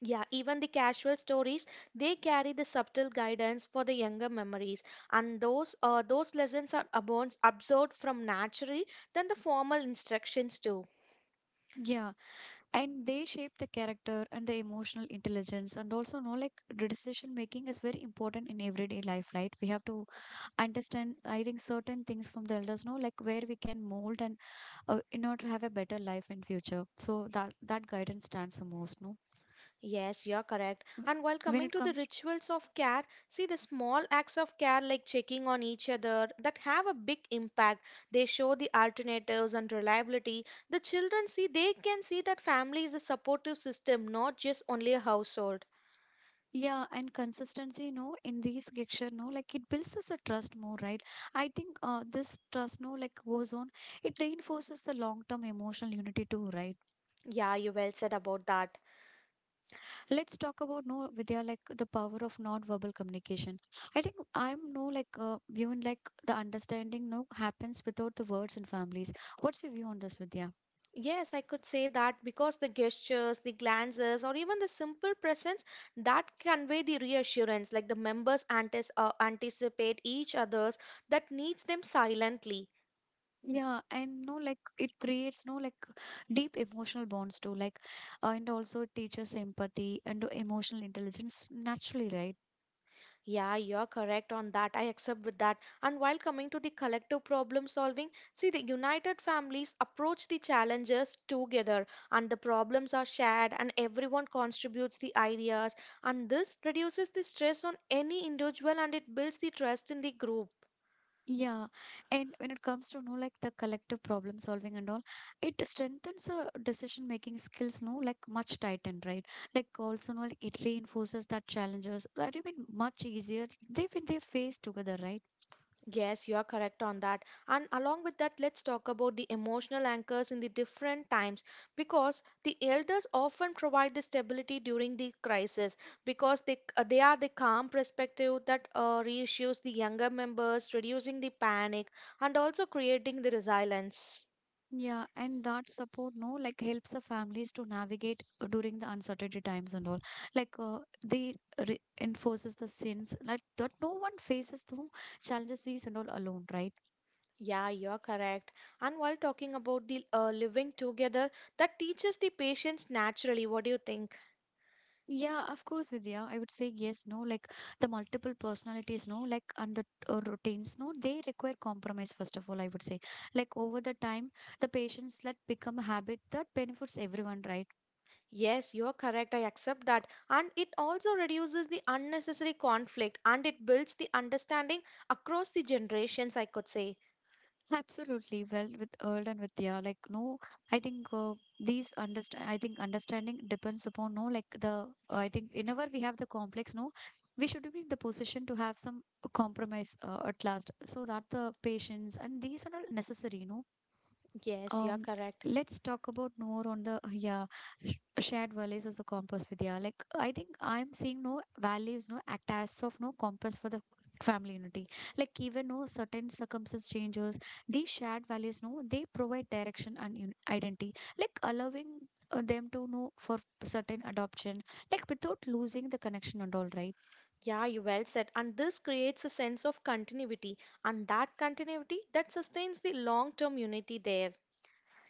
[SPEAKER 2] Yeah, even the casual stories they carry the subtle guidance for the younger memories, and those uh, those lessons are abon- absorbed from naturally than the formal instructions too.
[SPEAKER 1] Yeah, and they shape the character and the emotional intelligence, and also know like the decision making is very important in everyday life, right? We have to understand, I think, certain things from the elders, know like where we can mold and uh, in order to have a better life in future. So that that guidance stands the most, no?
[SPEAKER 2] Yes, you're correct. And while
[SPEAKER 1] When
[SPEAKER 2] coming
[SPEAKER 1] it
[SPEAKER 2] to the
[SPEAKER 1] comes.
[SPEAKER 2] rituals of care, see the small acts of care like checking on each other that have a big impact. They show the alternatives and reliability. The children see they can see that family is a supportive system, not just only a household.
[SPEAKER 1] Yeah, and consistency, you know, in these lecture, no, like it builds us a trust more, right? I think uh, this trust, no, like goes on, it reinforces the long term emotional unity too, right?
[SPEAKER 2] Yeah, you well said about that.
[SPEAKER 1] Let's talk about no, Vidya, like the power of non-verbal communication. I think I'm no like uh, even like the understanding no happens without the words in families. What's your view on this, Vidya?
[SPEAKER 2] Yes, I could say that because the gestures, the glances, or even the simple presence that convey the reassurance, like the members antis- uh, anticipate each other's that needs them silently.
[SPEAKER 1] Yeah, and no, like it creates no like deep emotional bonds too, like, uh, and also it teaches empathy and emotional intelligence naturally, right?
[SPEAKER 2] Yeah, you're correct on that. I accept with that. And while coming to the collective problem solving, see the united families approach the challenges together, and the problems are shared and everyone contributes the ideas, and this reduces the stress on any individual and it builds the trust in the group.
[SPEAKER 1] Yeah, and when it comes to know like the collective problem solving and all, it strengthens uh, decision making skills. No, like much tightened, right? Like also, no, like it reinforces that challenges that have been much easier. They when they face together, right?
[SPEAKER 2] Yes, you are correct on that. And along with that, let's talk about the emotional anchors in the different times because the elders often provide the stability during the crisis because they, uh, they are the calm perspective that uh, reassures the younger members, reducing the panic and also creating the resilience.
[SPEAKER 1] Yeah, and that support, no, like helps the families to navigate uh, during the uncertainty times and all. Like uh, they reinforces the sense like that no one faces the challenges these and all alone, right?
[SPEAKER 2] Yeah, you're correct. And while talking about the uh, living together, that teaches the patience naturally. What do you think?
[SPEAKER 1] Yeah, of course, Vidya. I would say yes, no. Like the multiple personalities, no. Like and the uh, routines, no. They require compromise. First of all, I would say, like over the time, the patients let become a habit that benefits everyone, right?
[SPEAKER 2] Yes, you're correct. I accept that. And it also reduces the unnecessary conflict and it builds the understanding across the generations, I could say.
[SPEAKER 1] Absolutely. Well, with Earl and Vidya, like no, I think uh, these understand. I think understanding depends upon no, like the. uh, I think whenever we have the complex, no, we should be in the position to have some compromise uh, at last, so that the patients and these are all necessary, no.
[SPEAKER 2] Yes, you're
[SPEAKER 1] Um,
[SPEAKER 2] correct.
[SPEAKER 1] let's talk about more on the yeah sh- shared values as the compass with, yeah. Like I think I'm seeing no values no act as of no compass for the family unity. Like even no certain circumstance changes, these shared values no they provide direction and un- identity. Like allowing uh, them to know for certain adoption, like without losing the connection and all, right.
[SPEAKER 2] Yeah, you well said. And this creates a sense of continuity, and that continuity that sustains the long-term unity there.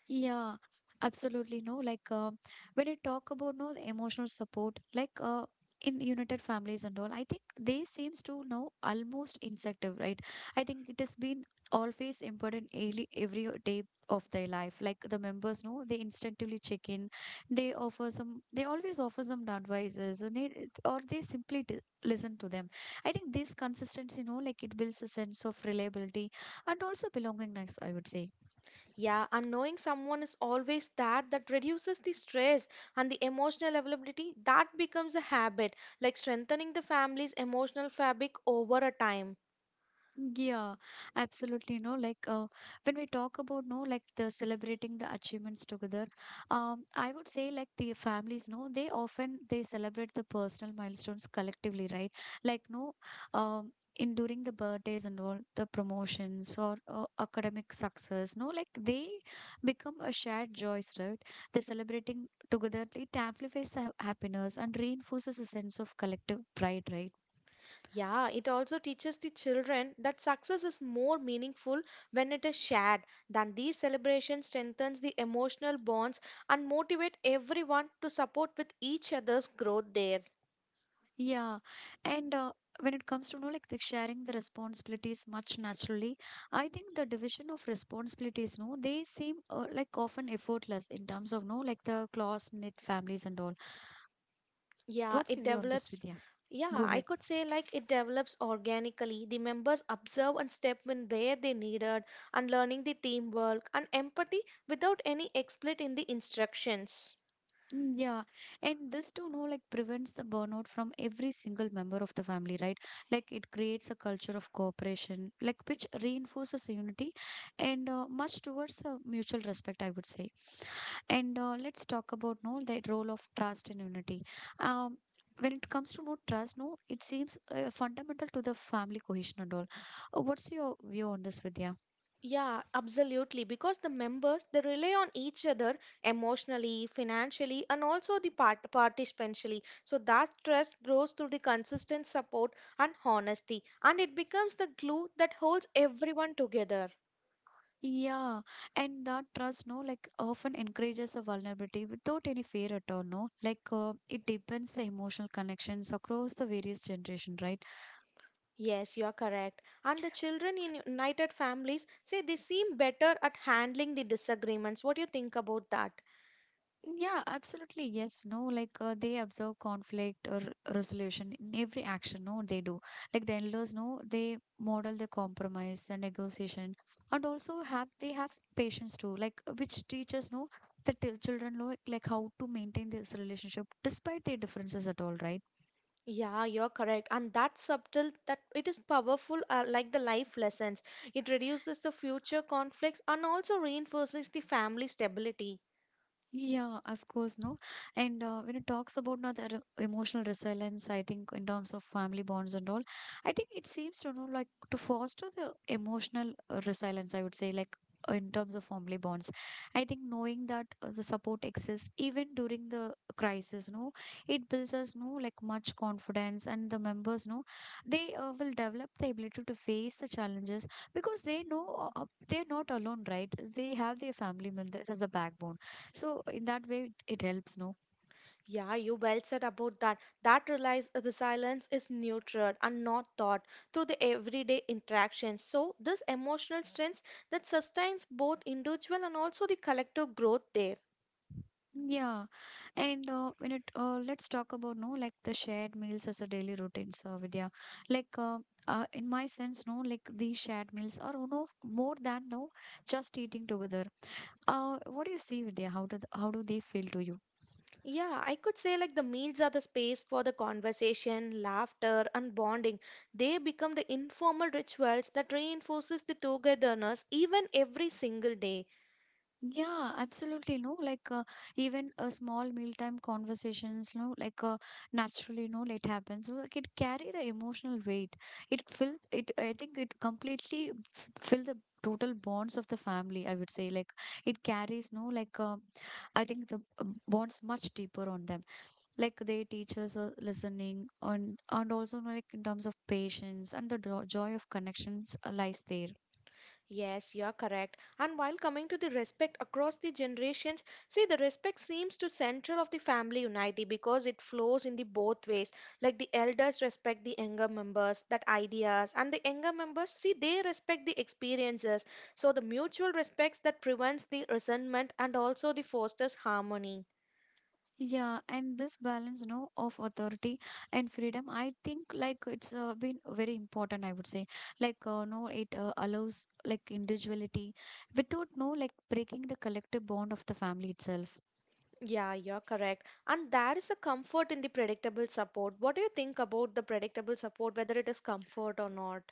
[SPEAKER 1] Yeah, absolutely. No, like uh, when you talk about no emotional support, like uh, in united families and all, I think they seems to know almost instinctive, right? I think it has been always important early, every day of their life. Like the members know, they instinctively check in. They offer some. They always offer some advices, and they, or they simply d listen to them. I think this consistency, you know, like it builds a sense of reliability and also belongingness. I would say.
[SPEAKER 2] Yeah, and knowing someone is always there that reduces the stress, and the emotional availability that becomes a habit, like strengthening the family's emotional fabric over a time.
[SPEAKER 1] Yeah, absolutely. No, like uh, when we talk about no, like the celebrating the achievements together, um, I would say like the families, no, they often they celebrate the personal milestones collectively, right? Like no, um, in during the birthdays and all the promotions or uh, academic success, no, like they become a shared joys, right? They celebrating together it amplifies the ha- happiness and reinforces a sense of collective pride, right?
[SPEAKER 2] Yeah, it also teaches the children that success is more meaningful when it is shared. Then these celebrations strengthens the emotional bonds and motivate everyone to support with each other's growth there.
[SPEAKER 1] Yeah, and uh, when it comes to you know like the sharing the responsibilities much naturally, I think the division of responsibilities, no, they seem uh, like often effortless in terms of no like the close knit families and all.
[SPEAKER 2] Yeah,
[SPEAKER 1] What's
[SPEAKER 2] it
[SPEAKER 1] your view on this,
[SPEAKER 2] develops.
[SPEAKER 1] Vidya? Go
[SPEAKER 2] Yeah, I
[SPEAKER 1] ahead.
[SPEAKER 2] could say like it develops organically. The members observe and step in where they needed and learning the teamwork and empathy without any explicit in the instructions.
[SPEAKER 1] Mm, yeah, and this too, no, like prevents the burnout from every single member of the family, right? Like it creates a culture of cooperation, like which reinforces unity and uh, much towards uh, mutual respect, I would say. And uh, let's talk about no the role of trust and unity. Um, when it comes to no trust, no, it seems uh, fundamental to the family cohesion and all. Uh, what's your view on this, Vidya?
[SPEAKER 2] Yeah, absolutely. Because the members they rely on each other emotionally, financially, and also the part participationally. So that trust grows through the consistent support and honesty, and it becomes the glue that holds everyone together.
[SPEAKER 1] Yeah, and that trust, no, like often encourages a vulnerability without any fear at all, no. Like uh, it deepens the emotional connections across the various generation, right?
[SPEAKER 2] Yes, you are correct. And the children in united families say they seem better at handling the disagreements. What do you think about that?
[SPEAKER 1] Yeah, absolutely. Yes, no, like uh, they observe conflict or resolution in every action. No, they do. Like the in-laws, no, they model the compromise, the negotiation, and also have they have some patience too. Like uh, which teaches no the t- children like like how to maintain this relationship despite their differences at all, right?
[SPEAKER 2] Yeah, you're correct. And that subtle that it is powerful uh, like the life lessons. It reduces the future conflicts and also reinforces the family stability.
[SPEAKER 1] Yeah, of course, no. And uh, when it talks about now the re- emotional resilience, I think in terms of family bonds and all, I think it seems to know like to foster the emotional uh, resilience. I would say like uh, in terms of family bonds, I think knowing that uh, the support exists even during the crisis, no, it builds us no like much confidence, and the members, no, they uh, will develop the ability to face the challenges because they know uh, uh, they're not alone, right? They have their family members as a backbone, so in that way, it it helps, no?
[SPEAKER 2] Yeah, you well said about that. That relies uh, the silence is nurtured and not taught through the everyday interactions. So this emotional strength that sustains both individual and also the collective growth there.
[SPEAKER 1] Yeah. And uh, when it uh, let's talk about no like the shared meals as a daily routine, so Vidya. Like uh, uh, in my sense, no, like these shared meals are you know more than no just eating together. Uh, what do you see, Vidya? How do th- how do they feel to you?
[SPEAKER 2] Yeah, I could say like the meals are the space for the conversation, laughter, and bonding. They become the informal rituals that reinforces the togetherness even every single day.
[SPEAKER 1] Yeah, absolutely. No, like uh, even a small mealtime conversations, no, like uh, naturally, no, it happens. So, like it carry the emotional weight. It fill it. I think it completely f- fill the total bonds of the family. I would say like it carries no like uh, I think the uh, bonds much deeper on them. Like they teach us uh, listening and and also no, like in terms of patience and the do- joy of connections uh, lies there.
[SPEAKER 2] Yes, you are correct. And while coming to the respect across the generations, see the respect seems to central of the family unity because it flows in the both ways. Like the elders respect the younger members, that ideas, and the younger members see they respect the experiences. So the mutual respects that prevents the resentment and also the fosters harmony.
[SPEAKER 1] Yeah, and this balance, you know, of authority and freedom, I think like it's uh, been very important, I would say. Like, uh, no, it uh, allows like individuality without no like breaking the collective bond of the family itself.
[SPEAKER 2] Yeah, you're correct. And there is a comfort in the predictable support. What do you think about the predictable support, whether it is comfort or not?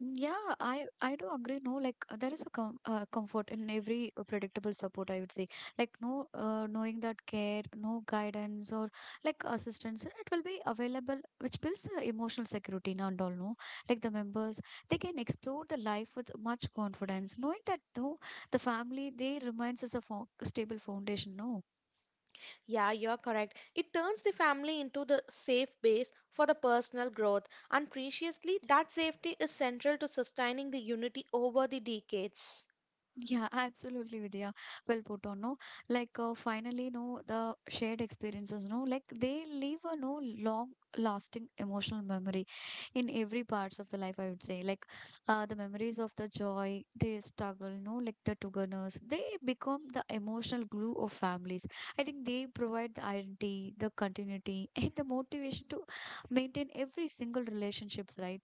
[SPEAKER 1] Yeah, I I do agree. No, like uh, there is a com uh, comfort in every uh, predictable support, I would say. Like no, uh, knowing that care, no guidance or like assistance, it will be available, which builds uh, emotional security now and all. No, like the members, they can explore the life with much confidence, knowing that though the family they remains as a fo stable foundation. No.
[SPEAKER 2] Yeah, you're correct. It turns the family into the safe base for the personal growth, and preciously, that safety is central to sustaining the unity over the decades.
[SPEAKER 1] Yeah, absolutely, Vidya. Well put on, no? Like, uh, finally, no, the shared experiences, no? Like, they leave a no long-lasting emotional memory in every parts of the life, I would say. Like, uh, the memories of the joy, the struggle, no? Like, the togetherness, they become the emotional glue of families. I think they provide the identity, the continuity, and the motivation to maintain every single relationships, right?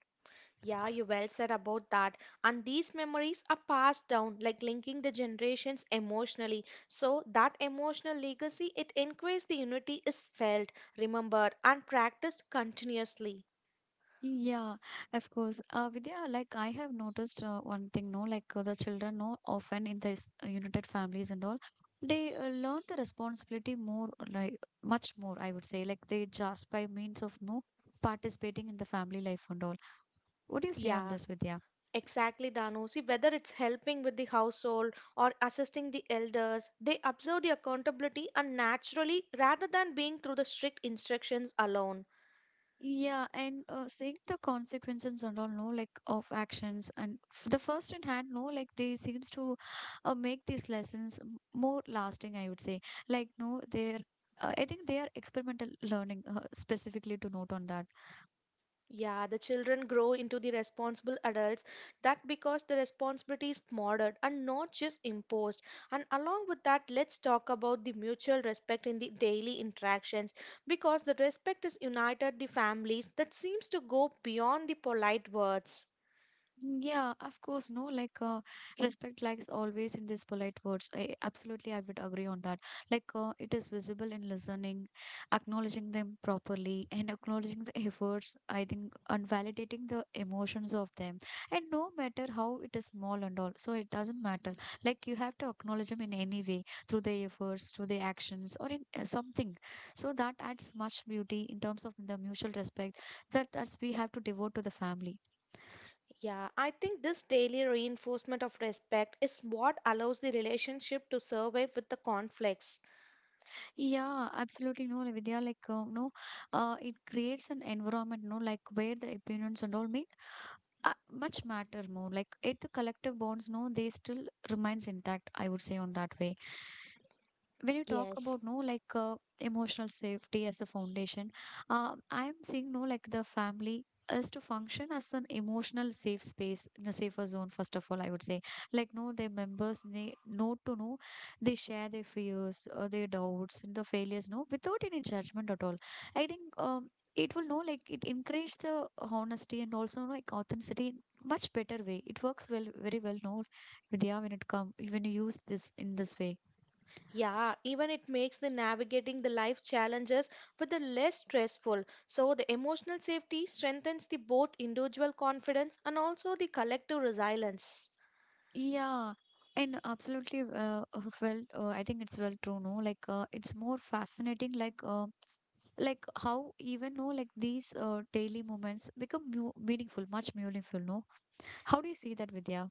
[SPEAKER 2] Yeah, you well said about that. And these memories are passed down, like linking the generations emotionally. So that emotional legacy, it increases the unity is felt, remembered, and practiced continuously.
[SPEAKER 1] Yeah, of course. Uh, Vidya, like I have noticed uh, one thing, no, like uh, the children, no, often in this uh, united families and all, they uh, learn the responsibility more, like much more, I would say, like they just by means of no participating in the family life and all. What do you say on
[SPEAKER 2] Yeah.
[SPEAKER 1] this, Vidya?
[SPEAKER 2] Exactly, Danu. See, whether it's helping with the household or assisting the elders, they observe the accountability and naturally rather than being through the strict instructions alone.
[SPEAKER 1] Yeah, and uh, seeing the consequences and all, no, like of actions, and f the first in hand, no, like they seems to uh, make these lessons m- more lasting. I would say, like no, they're. Uh, I think they are experimental learning uh, specifically to note on that.
[SPEAKER 2] Yeah, the children grow into the responsible adults. That because the responsibility is modeled and not just imposed. And along with that, let's talk about the mutual respect in the daily interactions. Because the respect is united the families that seems to go beyond the polite words.
[SPEAKER 1] Mm, yeah, of course, no, like uh, respect lies always in these polite words. I absolutely I would agree on that. Like uh, it is visible in listening, acknowledging them properly, and acknowledging the efforts, I think, and validating the emotions of them. And no matter how it is small and all, so it doesn't matter. Like you have to acknowledge them in any way through their efforts, through their actions, or in uh, something. So that adds much beauty in terms of the mutual respect that that's we have to devote to the family.
[SPEAKER 2] Yeah, I think this daily reinforcement of respect is what allows the relationship to survive with the conflicts.
[SPEAKER 1] Yeah, absolutely. No, Vidya, like, uh, no, uh, it creates an environment, no, like where the opinions and all mean uh, much matter more. Like, it the collective bonds, no, they still remains intact. I would say on that way when you talk
[SPEAKER 2] Yes.
[SPEAKER 1] about no like uh, emotional safety as a foundation. uh, I am seeing no like the family is to function as an emotional safe space in a safer zone, first of all, I would say. Like no, their members need know to know they share their fears or their doubts and the failures no without any judgment at all. I think, um, it will know like it encourage the honesty and also no, like authenticity in much better way. It works well, very well, no Vidya, when it come when you use this in this way.
[SPEAKER 2] Yeah, even it makes the navigating the life challenges with the less stressful. So the emotional safety strengthens the both individual confidence and also the collective resilience.
[SPEAKER 1] Yeah, and absolutely. Uh, uh, well, uh, I think it's well true. No, like uh, it's more fascinating. Like, uh, like how even no, like these uh, daily moments become mu meaningful, much meaningful. No, how do you see that, Vidya?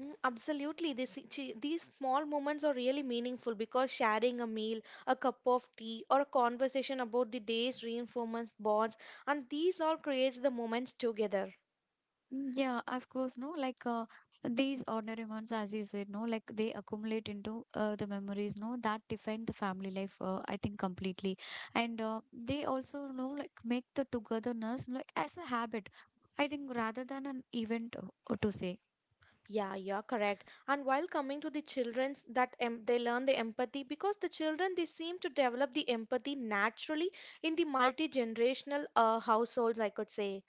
[SPEAKER 2] Mm, absolutely. This, chi- these small moments are really meaningful because sharing a meal, a cup of tea, or a conversation about the day's reinforcement bonds, and these all creates the moments together.
[SPEAKER 1] Yeah, of course, no, like uh, these ordinary ones, as you said, no, like they accumulate into uh, the memories, no, that define the family life, uh, I think, completely. And uh, they also, know, like make the togetherness like as a habit, I think, rather than an event uh, to say.
[SPEAKER 2] Yeah, you're correct. And while coming to the children's, that em they learn the empathy because the children they seem to develop the empathy naturally in the multi-generational uh, households, I could say.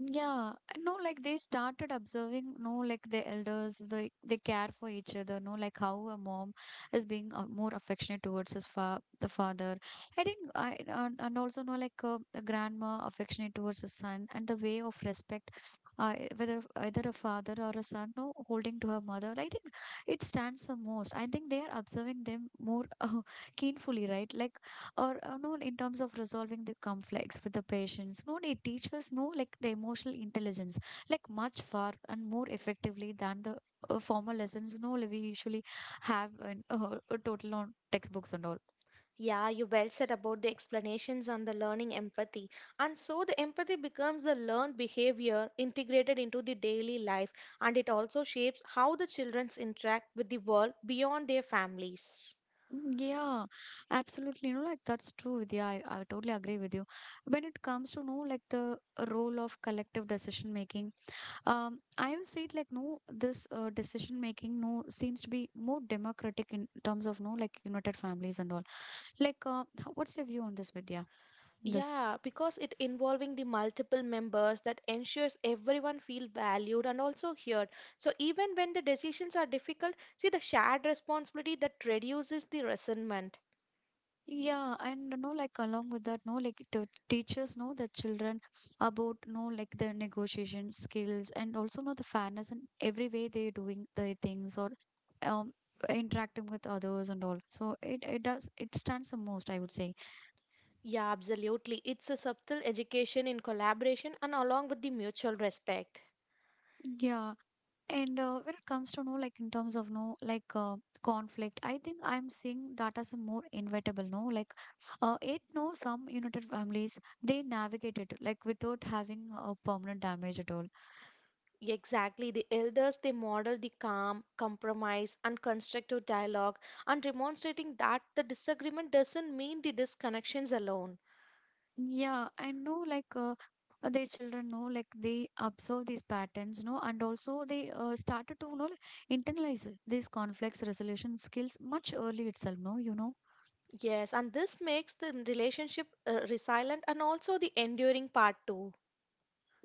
[SPEAKER 1] Yeah, no, like they started observing, no, like the elders, they they care for each other, no, like how a mom is being uh, more affectionate towards his fa the father. I think I and, and also no, like uh, the grandma affectionate towards his son and the way of respect, uh, whether either a father or a son, no, holding to her mother. I think it stands the most. I think they are observing them more uh, keenfully, right? Like or uh, no in terms of resolving the conflicts with the patients, no it teaches no like the emotional intelligence like much far and more effectively than the uh, formal lessons no like we usually have in uh, a total on textbooks and all.
[SPEAKER 2] Yeah, you well said about the explanations on the learning empathy. And so the empathy becomes the learned behavior integrated into the daily life, and it also shapes how the children interact with the world beyond their families.
[SPEAKER 1] Mm, yeah, absolutely, no like that's true Vidya. I, I totally agree with you when it comes to no like the role of collective decision making. um I would say it like no, this uh, decision making no seems to be more democratic in terms of no like united families and all. Like, uh, h- what's your view on this, Vidya? In this.
[SPEAKER 2] Yeah, because it involving the multiple members that ensures everyone feel valued and also heard. So even when the decisions are difficult, see the shared responsibility that reduces the resentment.
[SPEAKER 1] Yeah, and uh, no, like along with that, no, like t teachers know the children about no, like the negotiation skills and also know the fairness and every way they're doing their things or um interacting with others and all. So it it does it stands the most, I would say.
[SPEAKER 2] Yeah, absolutely. It's a subtle education in collaboration and along with the mutual respect.
[SPEAKER 1] Yeah, and uh, when it comes to no, like in terms of no, like uh, conflict, I think I'm seeing that as a more inevitable, no, like uh, it no, some united families they navigate it like without having a permanent damage at all.
[SPEAKER 2] Exactly. The elders, they model the calm, compromise, and constructive dialogue and demonstrating that the disagreement doesn't mean the disconnections alone.
[SPEAKER 1] Yeah, I know, like uh, uh, their children know, like they observe these patterns, no, and also they uh, started to you know like, internalize these conflicts resolution skills much early itself, no, you know
[SPEAKER 2] Yes, and this makes the relationship uh, resilient and also the enduring part too.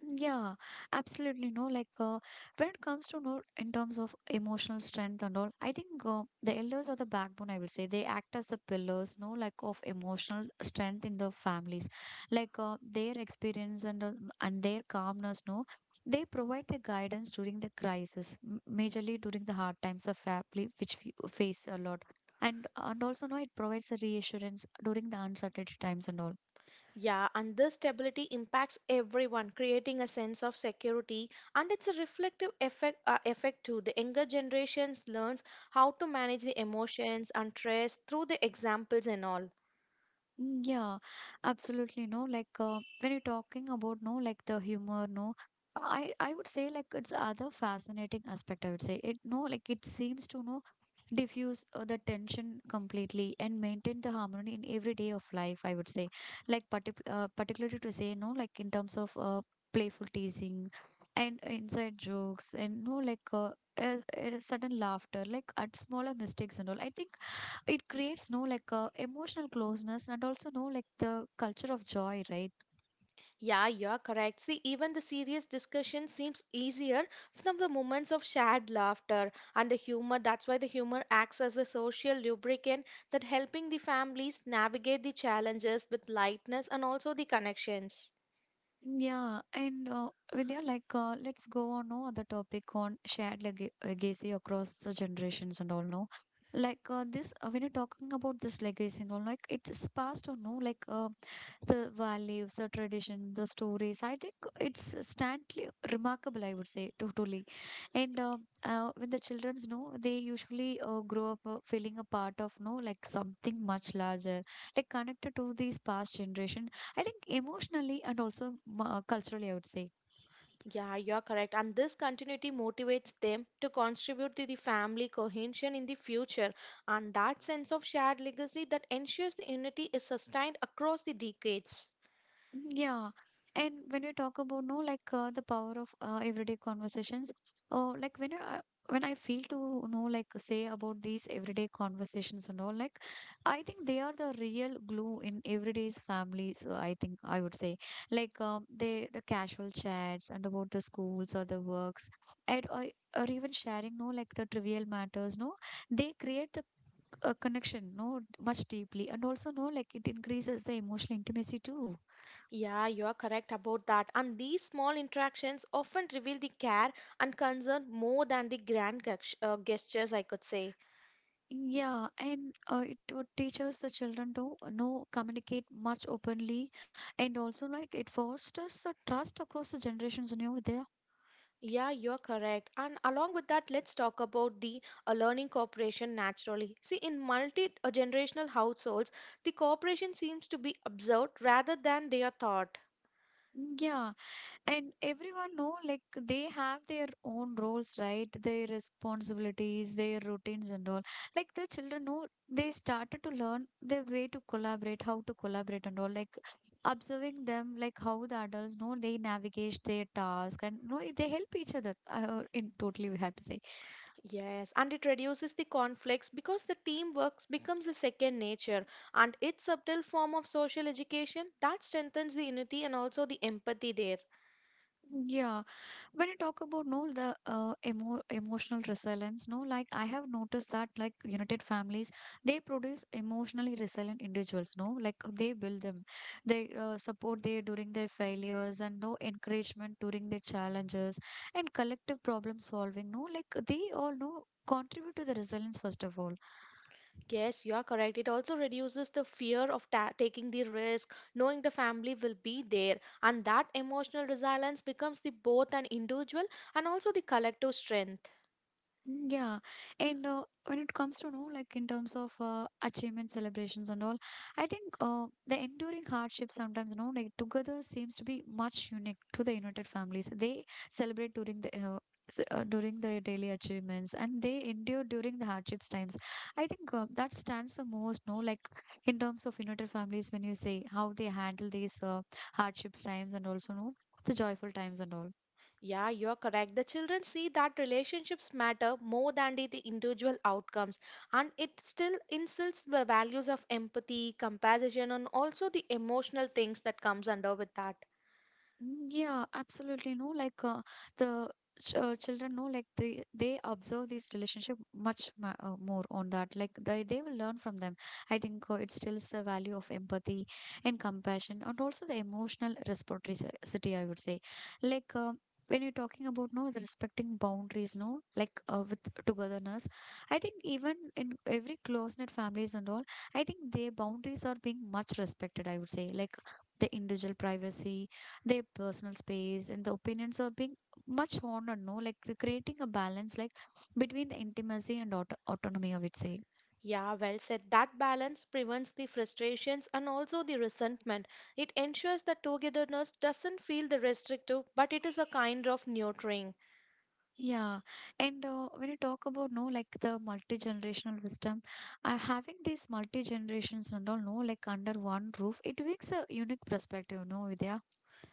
[SPEAKER 1] Yeah, absolutely. No, like uh, when it comes to no, in terms of emotional strength and all, I think uh, the elders are the backbone. I will say they act as the pillars. No, like of emotional strength in the families, like uh, their experience and uh, and their calmness. No, they provide the guidance during the crisis, m- majorly during the hard times the family which f- face a lot. And, and also, no, it provides a reassurance during the uncertainty times and all.
[SPEAKER 2] Yeah, and this stability impacts everyone, creating a sense of security, and it's a reflective effect, uh, effect too. The younger generations learns how to manage the emotions and stress through the examples and all.
[SPEAKER 1] Mm, yeah, absolutely. No, like uh, when you're talking about no, like the humor, no, I I would say like it's other fascinating aspect. I would say it no, like it seems to no diffuse uh, the tension completely and maintain the harmony in every day of life. I would say, like partic uh, particularly to say no, like in terms of uh, playful teasing and uh, inside jokes and no, like uh, a, a sudden laughter, like at smaller mistakes and all. I think it creates no like uh, emotional closeness and also no like the culture of joy, right?
[SPEAKER 2] Yeah, you're correct. See, even the serious discussion seems easier from the moments of shared laughter and the humor. That's why the humor acts as a social lubricant that helping the families navigate the challenges with lightness and also the connections.
[SPEAKER 1] Yeah, and uh, Vidya, like uh, let's go on no other topic on shared leg- legacy across the generations and all no, like uh, this uh, when you're talking about this legacy and all, like it's passed on no like uh, the values, the tradition, the stories. I think it's standly remarkable, I would say, totally. And uh, uh, when the childrens know, they usually uh, grow up uh, feeling a part of, no, like something much larger, like connected to these past generation. I think emotionally and also uh, culturally, I would say.
[SPEAKER 2] Yeah, you're correct. And this continuity motivates them to contribute to the family cohesion in the future. And that sense of shared legacy that ensures the unity is sustained across the decades.
[SPEAKER 1] Yeah. And when you talk about no, like uh, the power of uh, everyday conversations, or like when I when I feel to know, like say about these everyday conversations and all, like I think they are the real glue in everyday's families. uh, I think I would say like um, they the casual chats and about the schools or the works, and or, or even sharing no like the trivial matters. No, they create the c- a connection no much deeply, and also no like it increases the emotional intimacy too.
[SPEAKER 2] Yeah, you are correct about that. And these small interactions often reveal the care and concern more than the grand gest- uh, gestures, I could say.
[SPEAKER 1] Yeah, and uh, it would teach us the children to uh, know, communicate much openly, and also like it fosters the trust across the generations, you know, there.
[SPEAKER 2] Yeah, you're correct. And along with that, let's talk about the uh, learning cooperation naturally. See, in multi-generational households, the cooperation seems to be observed rather than they are taught.
[SPEAKER 1] Yeah, and everyone know like they have their own roles, right? Their responsibilities, their routines and all. Like the children know they started to learn the way to collaborate, how to collaborate and all. Like observing them, like how the adults know they navigate their task and you know, they help each other. Uh, in totally, we have to say.
[SPEAKER 2] Yes, and it reduces the conflicts because the teamwork becomes a second nature and its subtle form of social education that strengthens the unity and also the empathy there.
[SPEAKER 1] Yeah, when you talk about no the uh, emo emotional resilience, no, like I have noticed that like united families, they produce emotionally resilient individuals, no, like they build them, they uh, support they during their failures and no encouragement during their challenges and collective problem solving, no, like they all no contribute to the resilience first of all.
[SPEAKER 2] Yes, you are correct. It also reduces the fear of ta taking the risk, knowing the family will be there, and that emotional resilience becomes the both an individual and also the collective strength.
[SPEAKER 1] Mm, yeah, and uh, when it comes to know, like in terms of uh, achievement celebrations and all, I think uh, the enduring hardship sometimes, no, like together seems to be much unique to the United Families. They celebrate during the uh, s- uh, during the daily achievements, and they endure during the hardships times. I think uh, that stands the most, no, like in terms of United Families, when you say how they handle these uh, hardships times and also no the joyful times and all.
[SPEAKER 2] Yeah, you are correct. The children see that relationships matter more than the, the individual outcomes, and it still instills the values of empathy, compassion, and also the emotional things that comes under with that.
[SPEAKER 1] Mm, yeah, absolutely. No, like uh, the ch uh, children know, like they they observe these relationship much ma uh, more on that. Like they they will learn from them. I think uh, it stills the value of empathy and compassion, and also the emotional reciprocity. I would say, like. Uh, When you're talking about no the respecting boundaries, no like uh, with togetherness, I think even in every close-knit families and all, I think their boundaries are being much respected. I would say like the individual privacy, their personal space and the opinions are being much honored no like cre- creating a balance like between the intimacy and auto- autonomy. I would say
[SPEAKER 2] Yeah, well said. That balance prevents the frustrations and also the resentment. It ensures that togetherness doesn't feel the restrictive, but it is a kind of nurturing.
[SPEAKER 1] yeah, and uh, when you talk about no like the multi-generational wisdom, uh, having these multi-generations and all no like under one roof, it makes a unique perspective no Vidya.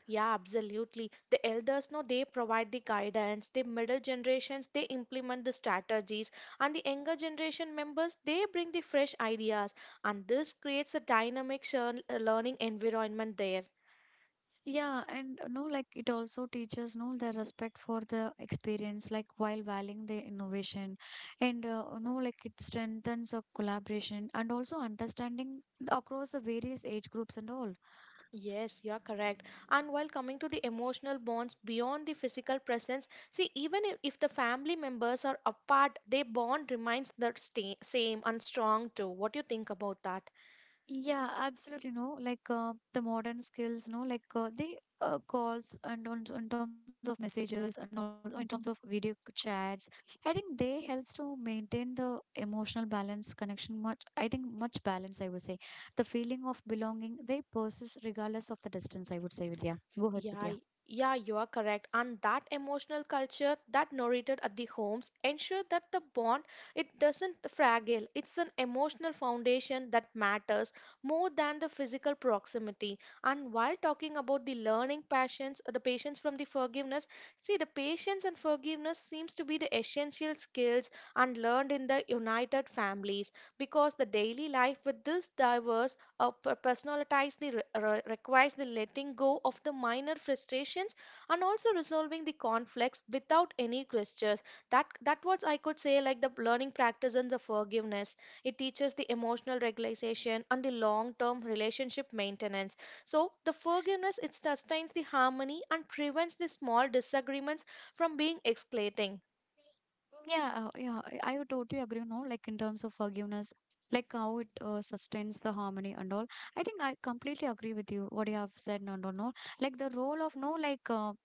[SPEAKER 2] Yeah, absolutely. The elders know they provide the guidance, the middle generations they implement the strategies, and the younger generation members they bring the fresh ideas, and this creates a dynamic shar- uh, learning environment there.
[SPEAKER 1] Yeah, and uh, no, like it also teaches no the respect for the experience, like while valuing the innovation, and uh, no, like it strengthens a collaboration and also understanding across the various age groups and all.
[SPEAKER 2] Yes, you're correct. And while coming to the emotional bonds beyond the physical presence, see, even if, if the family members are apart, their bond remains the sta- same and strong too. What do you think about that?
[SPEAKER 1] Yeah, absolutely. No, like uh, the modern skills, no, like uh, the uh, calls and on, in terms of messages and also in terms of video c- chats, I think they helps to maintain the emotional balance connection much. I think much balance. I would say the feeling of belonging they persist regardless of the distance. I would say, Vidya. Go ahead,
[SPEAKER 2] Yeah, y-
[SPEAKER 1] Vidya.
[SPEAKER 2] yeah, you are correct. And that emotional culture that narrated at the homes ensure that the bond it doesn't fragile. It's an emotional foundation that matters more than the physical proximity. And while talking about the learning passions, the patience from the forgiveness, see the patience and forgiveness seems to be the essential skills and learned in the united families because the daily life with this diverse uh, per- personalize the re- re- requires the letting go of the minor frustrations and also resolving the conflicts without any gestures that that was I could say like the learning practice and the forgiveness it teaches the emotional regulation and the long term relationship maintenance so the forgiveness it sustains the harmony and prevents the small disagreements from being escalating.
[SPEAKER 1] Yeah, uh, yeah, I, I would totally agree, you know, like in terms of forgiveness, like how it uh, sustains the harmony and all. I think I completely agree with you, what you have said, and all, no. Like the role of, no, like, uh,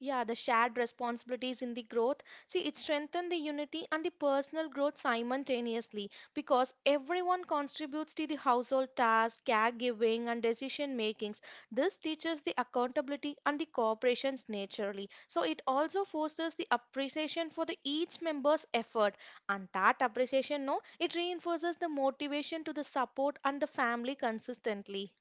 [SPEAKER 2] Yeah, the shared responsibilities in the growth. See, it strengthens the unity and the personal growth simultaneously because everyone contributes to the household tasks, caregiving, and decision makings. This teaches the accountability and the cooperations naturally. So it also fosters the appreciation for the each member's effort, and that appreciation, no, it reinforces the motivation to the support and the family consistently.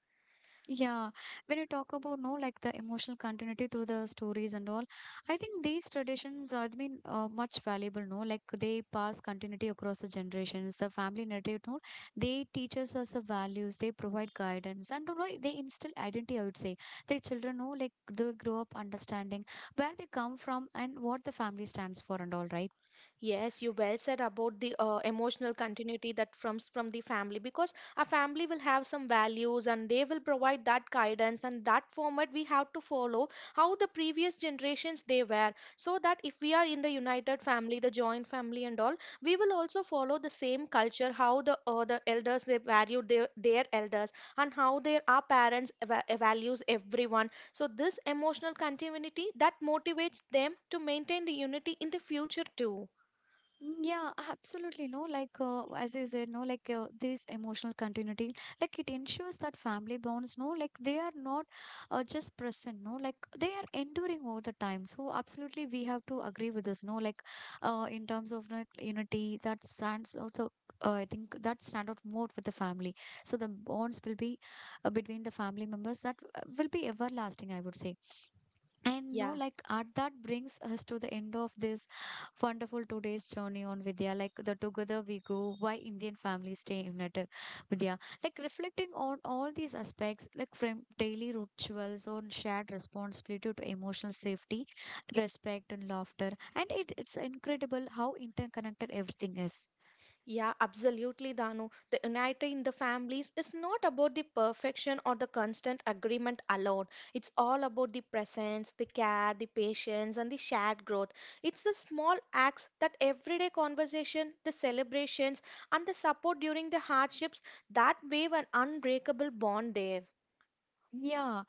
[SPEAKER 1] yeah, when you talk about no like the emotional continuity through the stories and all, I think these traditions are been uh, much valuable. No, like they pass continuity across the generations. The family narrative, no, they teaches us the values. They provide guidance, and you know they instill identity. I would say the children know, like they grow up understanding where they come from and what the family stands for and all. Right.
[SPEAKER 2] Yes, you well said about the uh, emotional continuity that comes from the family because a family will have some values and they will provide that guidance and that format we have to follow how the previous generations they were so that if we are in the united family, the joint family and all, we will also follow the same culture how the uh, the elders they valued their, their elders and how their our parents eva- values everyone. So this emotional continuity that motivates them to maintain the unity in the future too.
[SPEAKER 1] Mm, yeah, absolutely. No, like uh, as you said, no, like uh, this emotional continuity, like it ensures that family bonds, no, like they are not uh, just present, no, like they are enduring over the time. So absolutely, we have to agree with this, no, like uh, in terms of like unity, that stands out the. Uh, I think that stand out more with the family. So the bonds will be uh, between the family members that uh, will be everlasting. I would say and no,
[SPEAKER 2] Yeah,
[SPEAKER 1] like art that brings us to the end of this wonderful today's journey on Vidya. Like the together we go, why Indian families stay united, Vidya. Like reflecting on all these aspects, like from daily rituals on shared responsibility to emotional safety, respect and laughter. And it, it's incredible how interconnected everything is.
[SPEAKER 2] yeah, absolutely, Danu. The unity in the families is not about the perfection or the constant agreement alone. It's all about the presence, the care, the patience, and the shared growth. It's the small acts that everyday conversation, the celebrations, and the support during the hardships that wave an unbreakable bond there.
[SPEAKER 1] Yeah,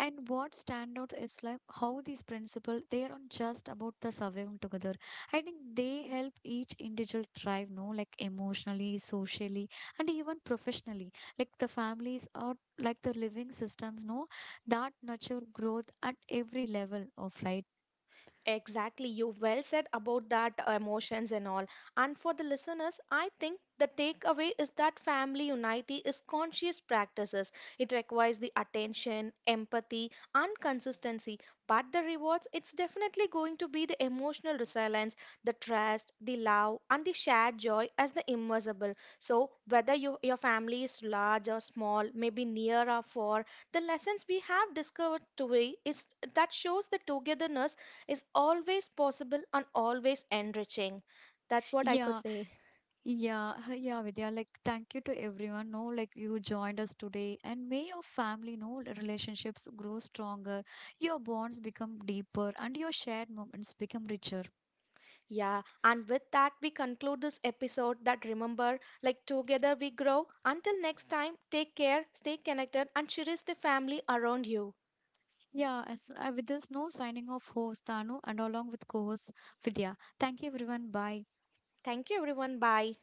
[SPEAKER 1] and what stand out is like how these principles they aren't just about the surviving together. I think they help each individual thrive, no, like emotionally, socially, and even professionally. Like the families are like the living systems, no, that nurture growth at every level of right.
[SPEAKER 2] Exactly, you well said about that uh, emotions and all. And for the listeners, I think the takeaway is that family unity is conscious practices. It requires the attention, empathy, and consistency. But the rewards, it's definitely going to be the emotional resilience, the trust, the love, and the shared joy as the immeasurable. So whether you, your family is large or small, maybe near or far, the lessons we have discovered today is that shows the togetherness is always possible and always enriching. That's what I could
[SPEAKER 1] Yeah,
[SPEAKER 2] say.
[SPEAKER 1] yeah, yeah, Vidya. Like, thank you to everyone. No, like you joined us today, and may your family, no, relationships grow stronger, your bonds become deeper, and your shared moments become richer.
[SPEAKER 2] Yeah. And with that, we conclude this episode that remember, like together we grow. Until next time, take care, stay connected, and cherish the family around you.
[SPEAKER 1] Yeah, as, uh, with this, no signing off host Tanu and along with co-host Vidya. Thank you, everyone. Bye.
[SPEAKER 2] Thank you, everyone. Bye.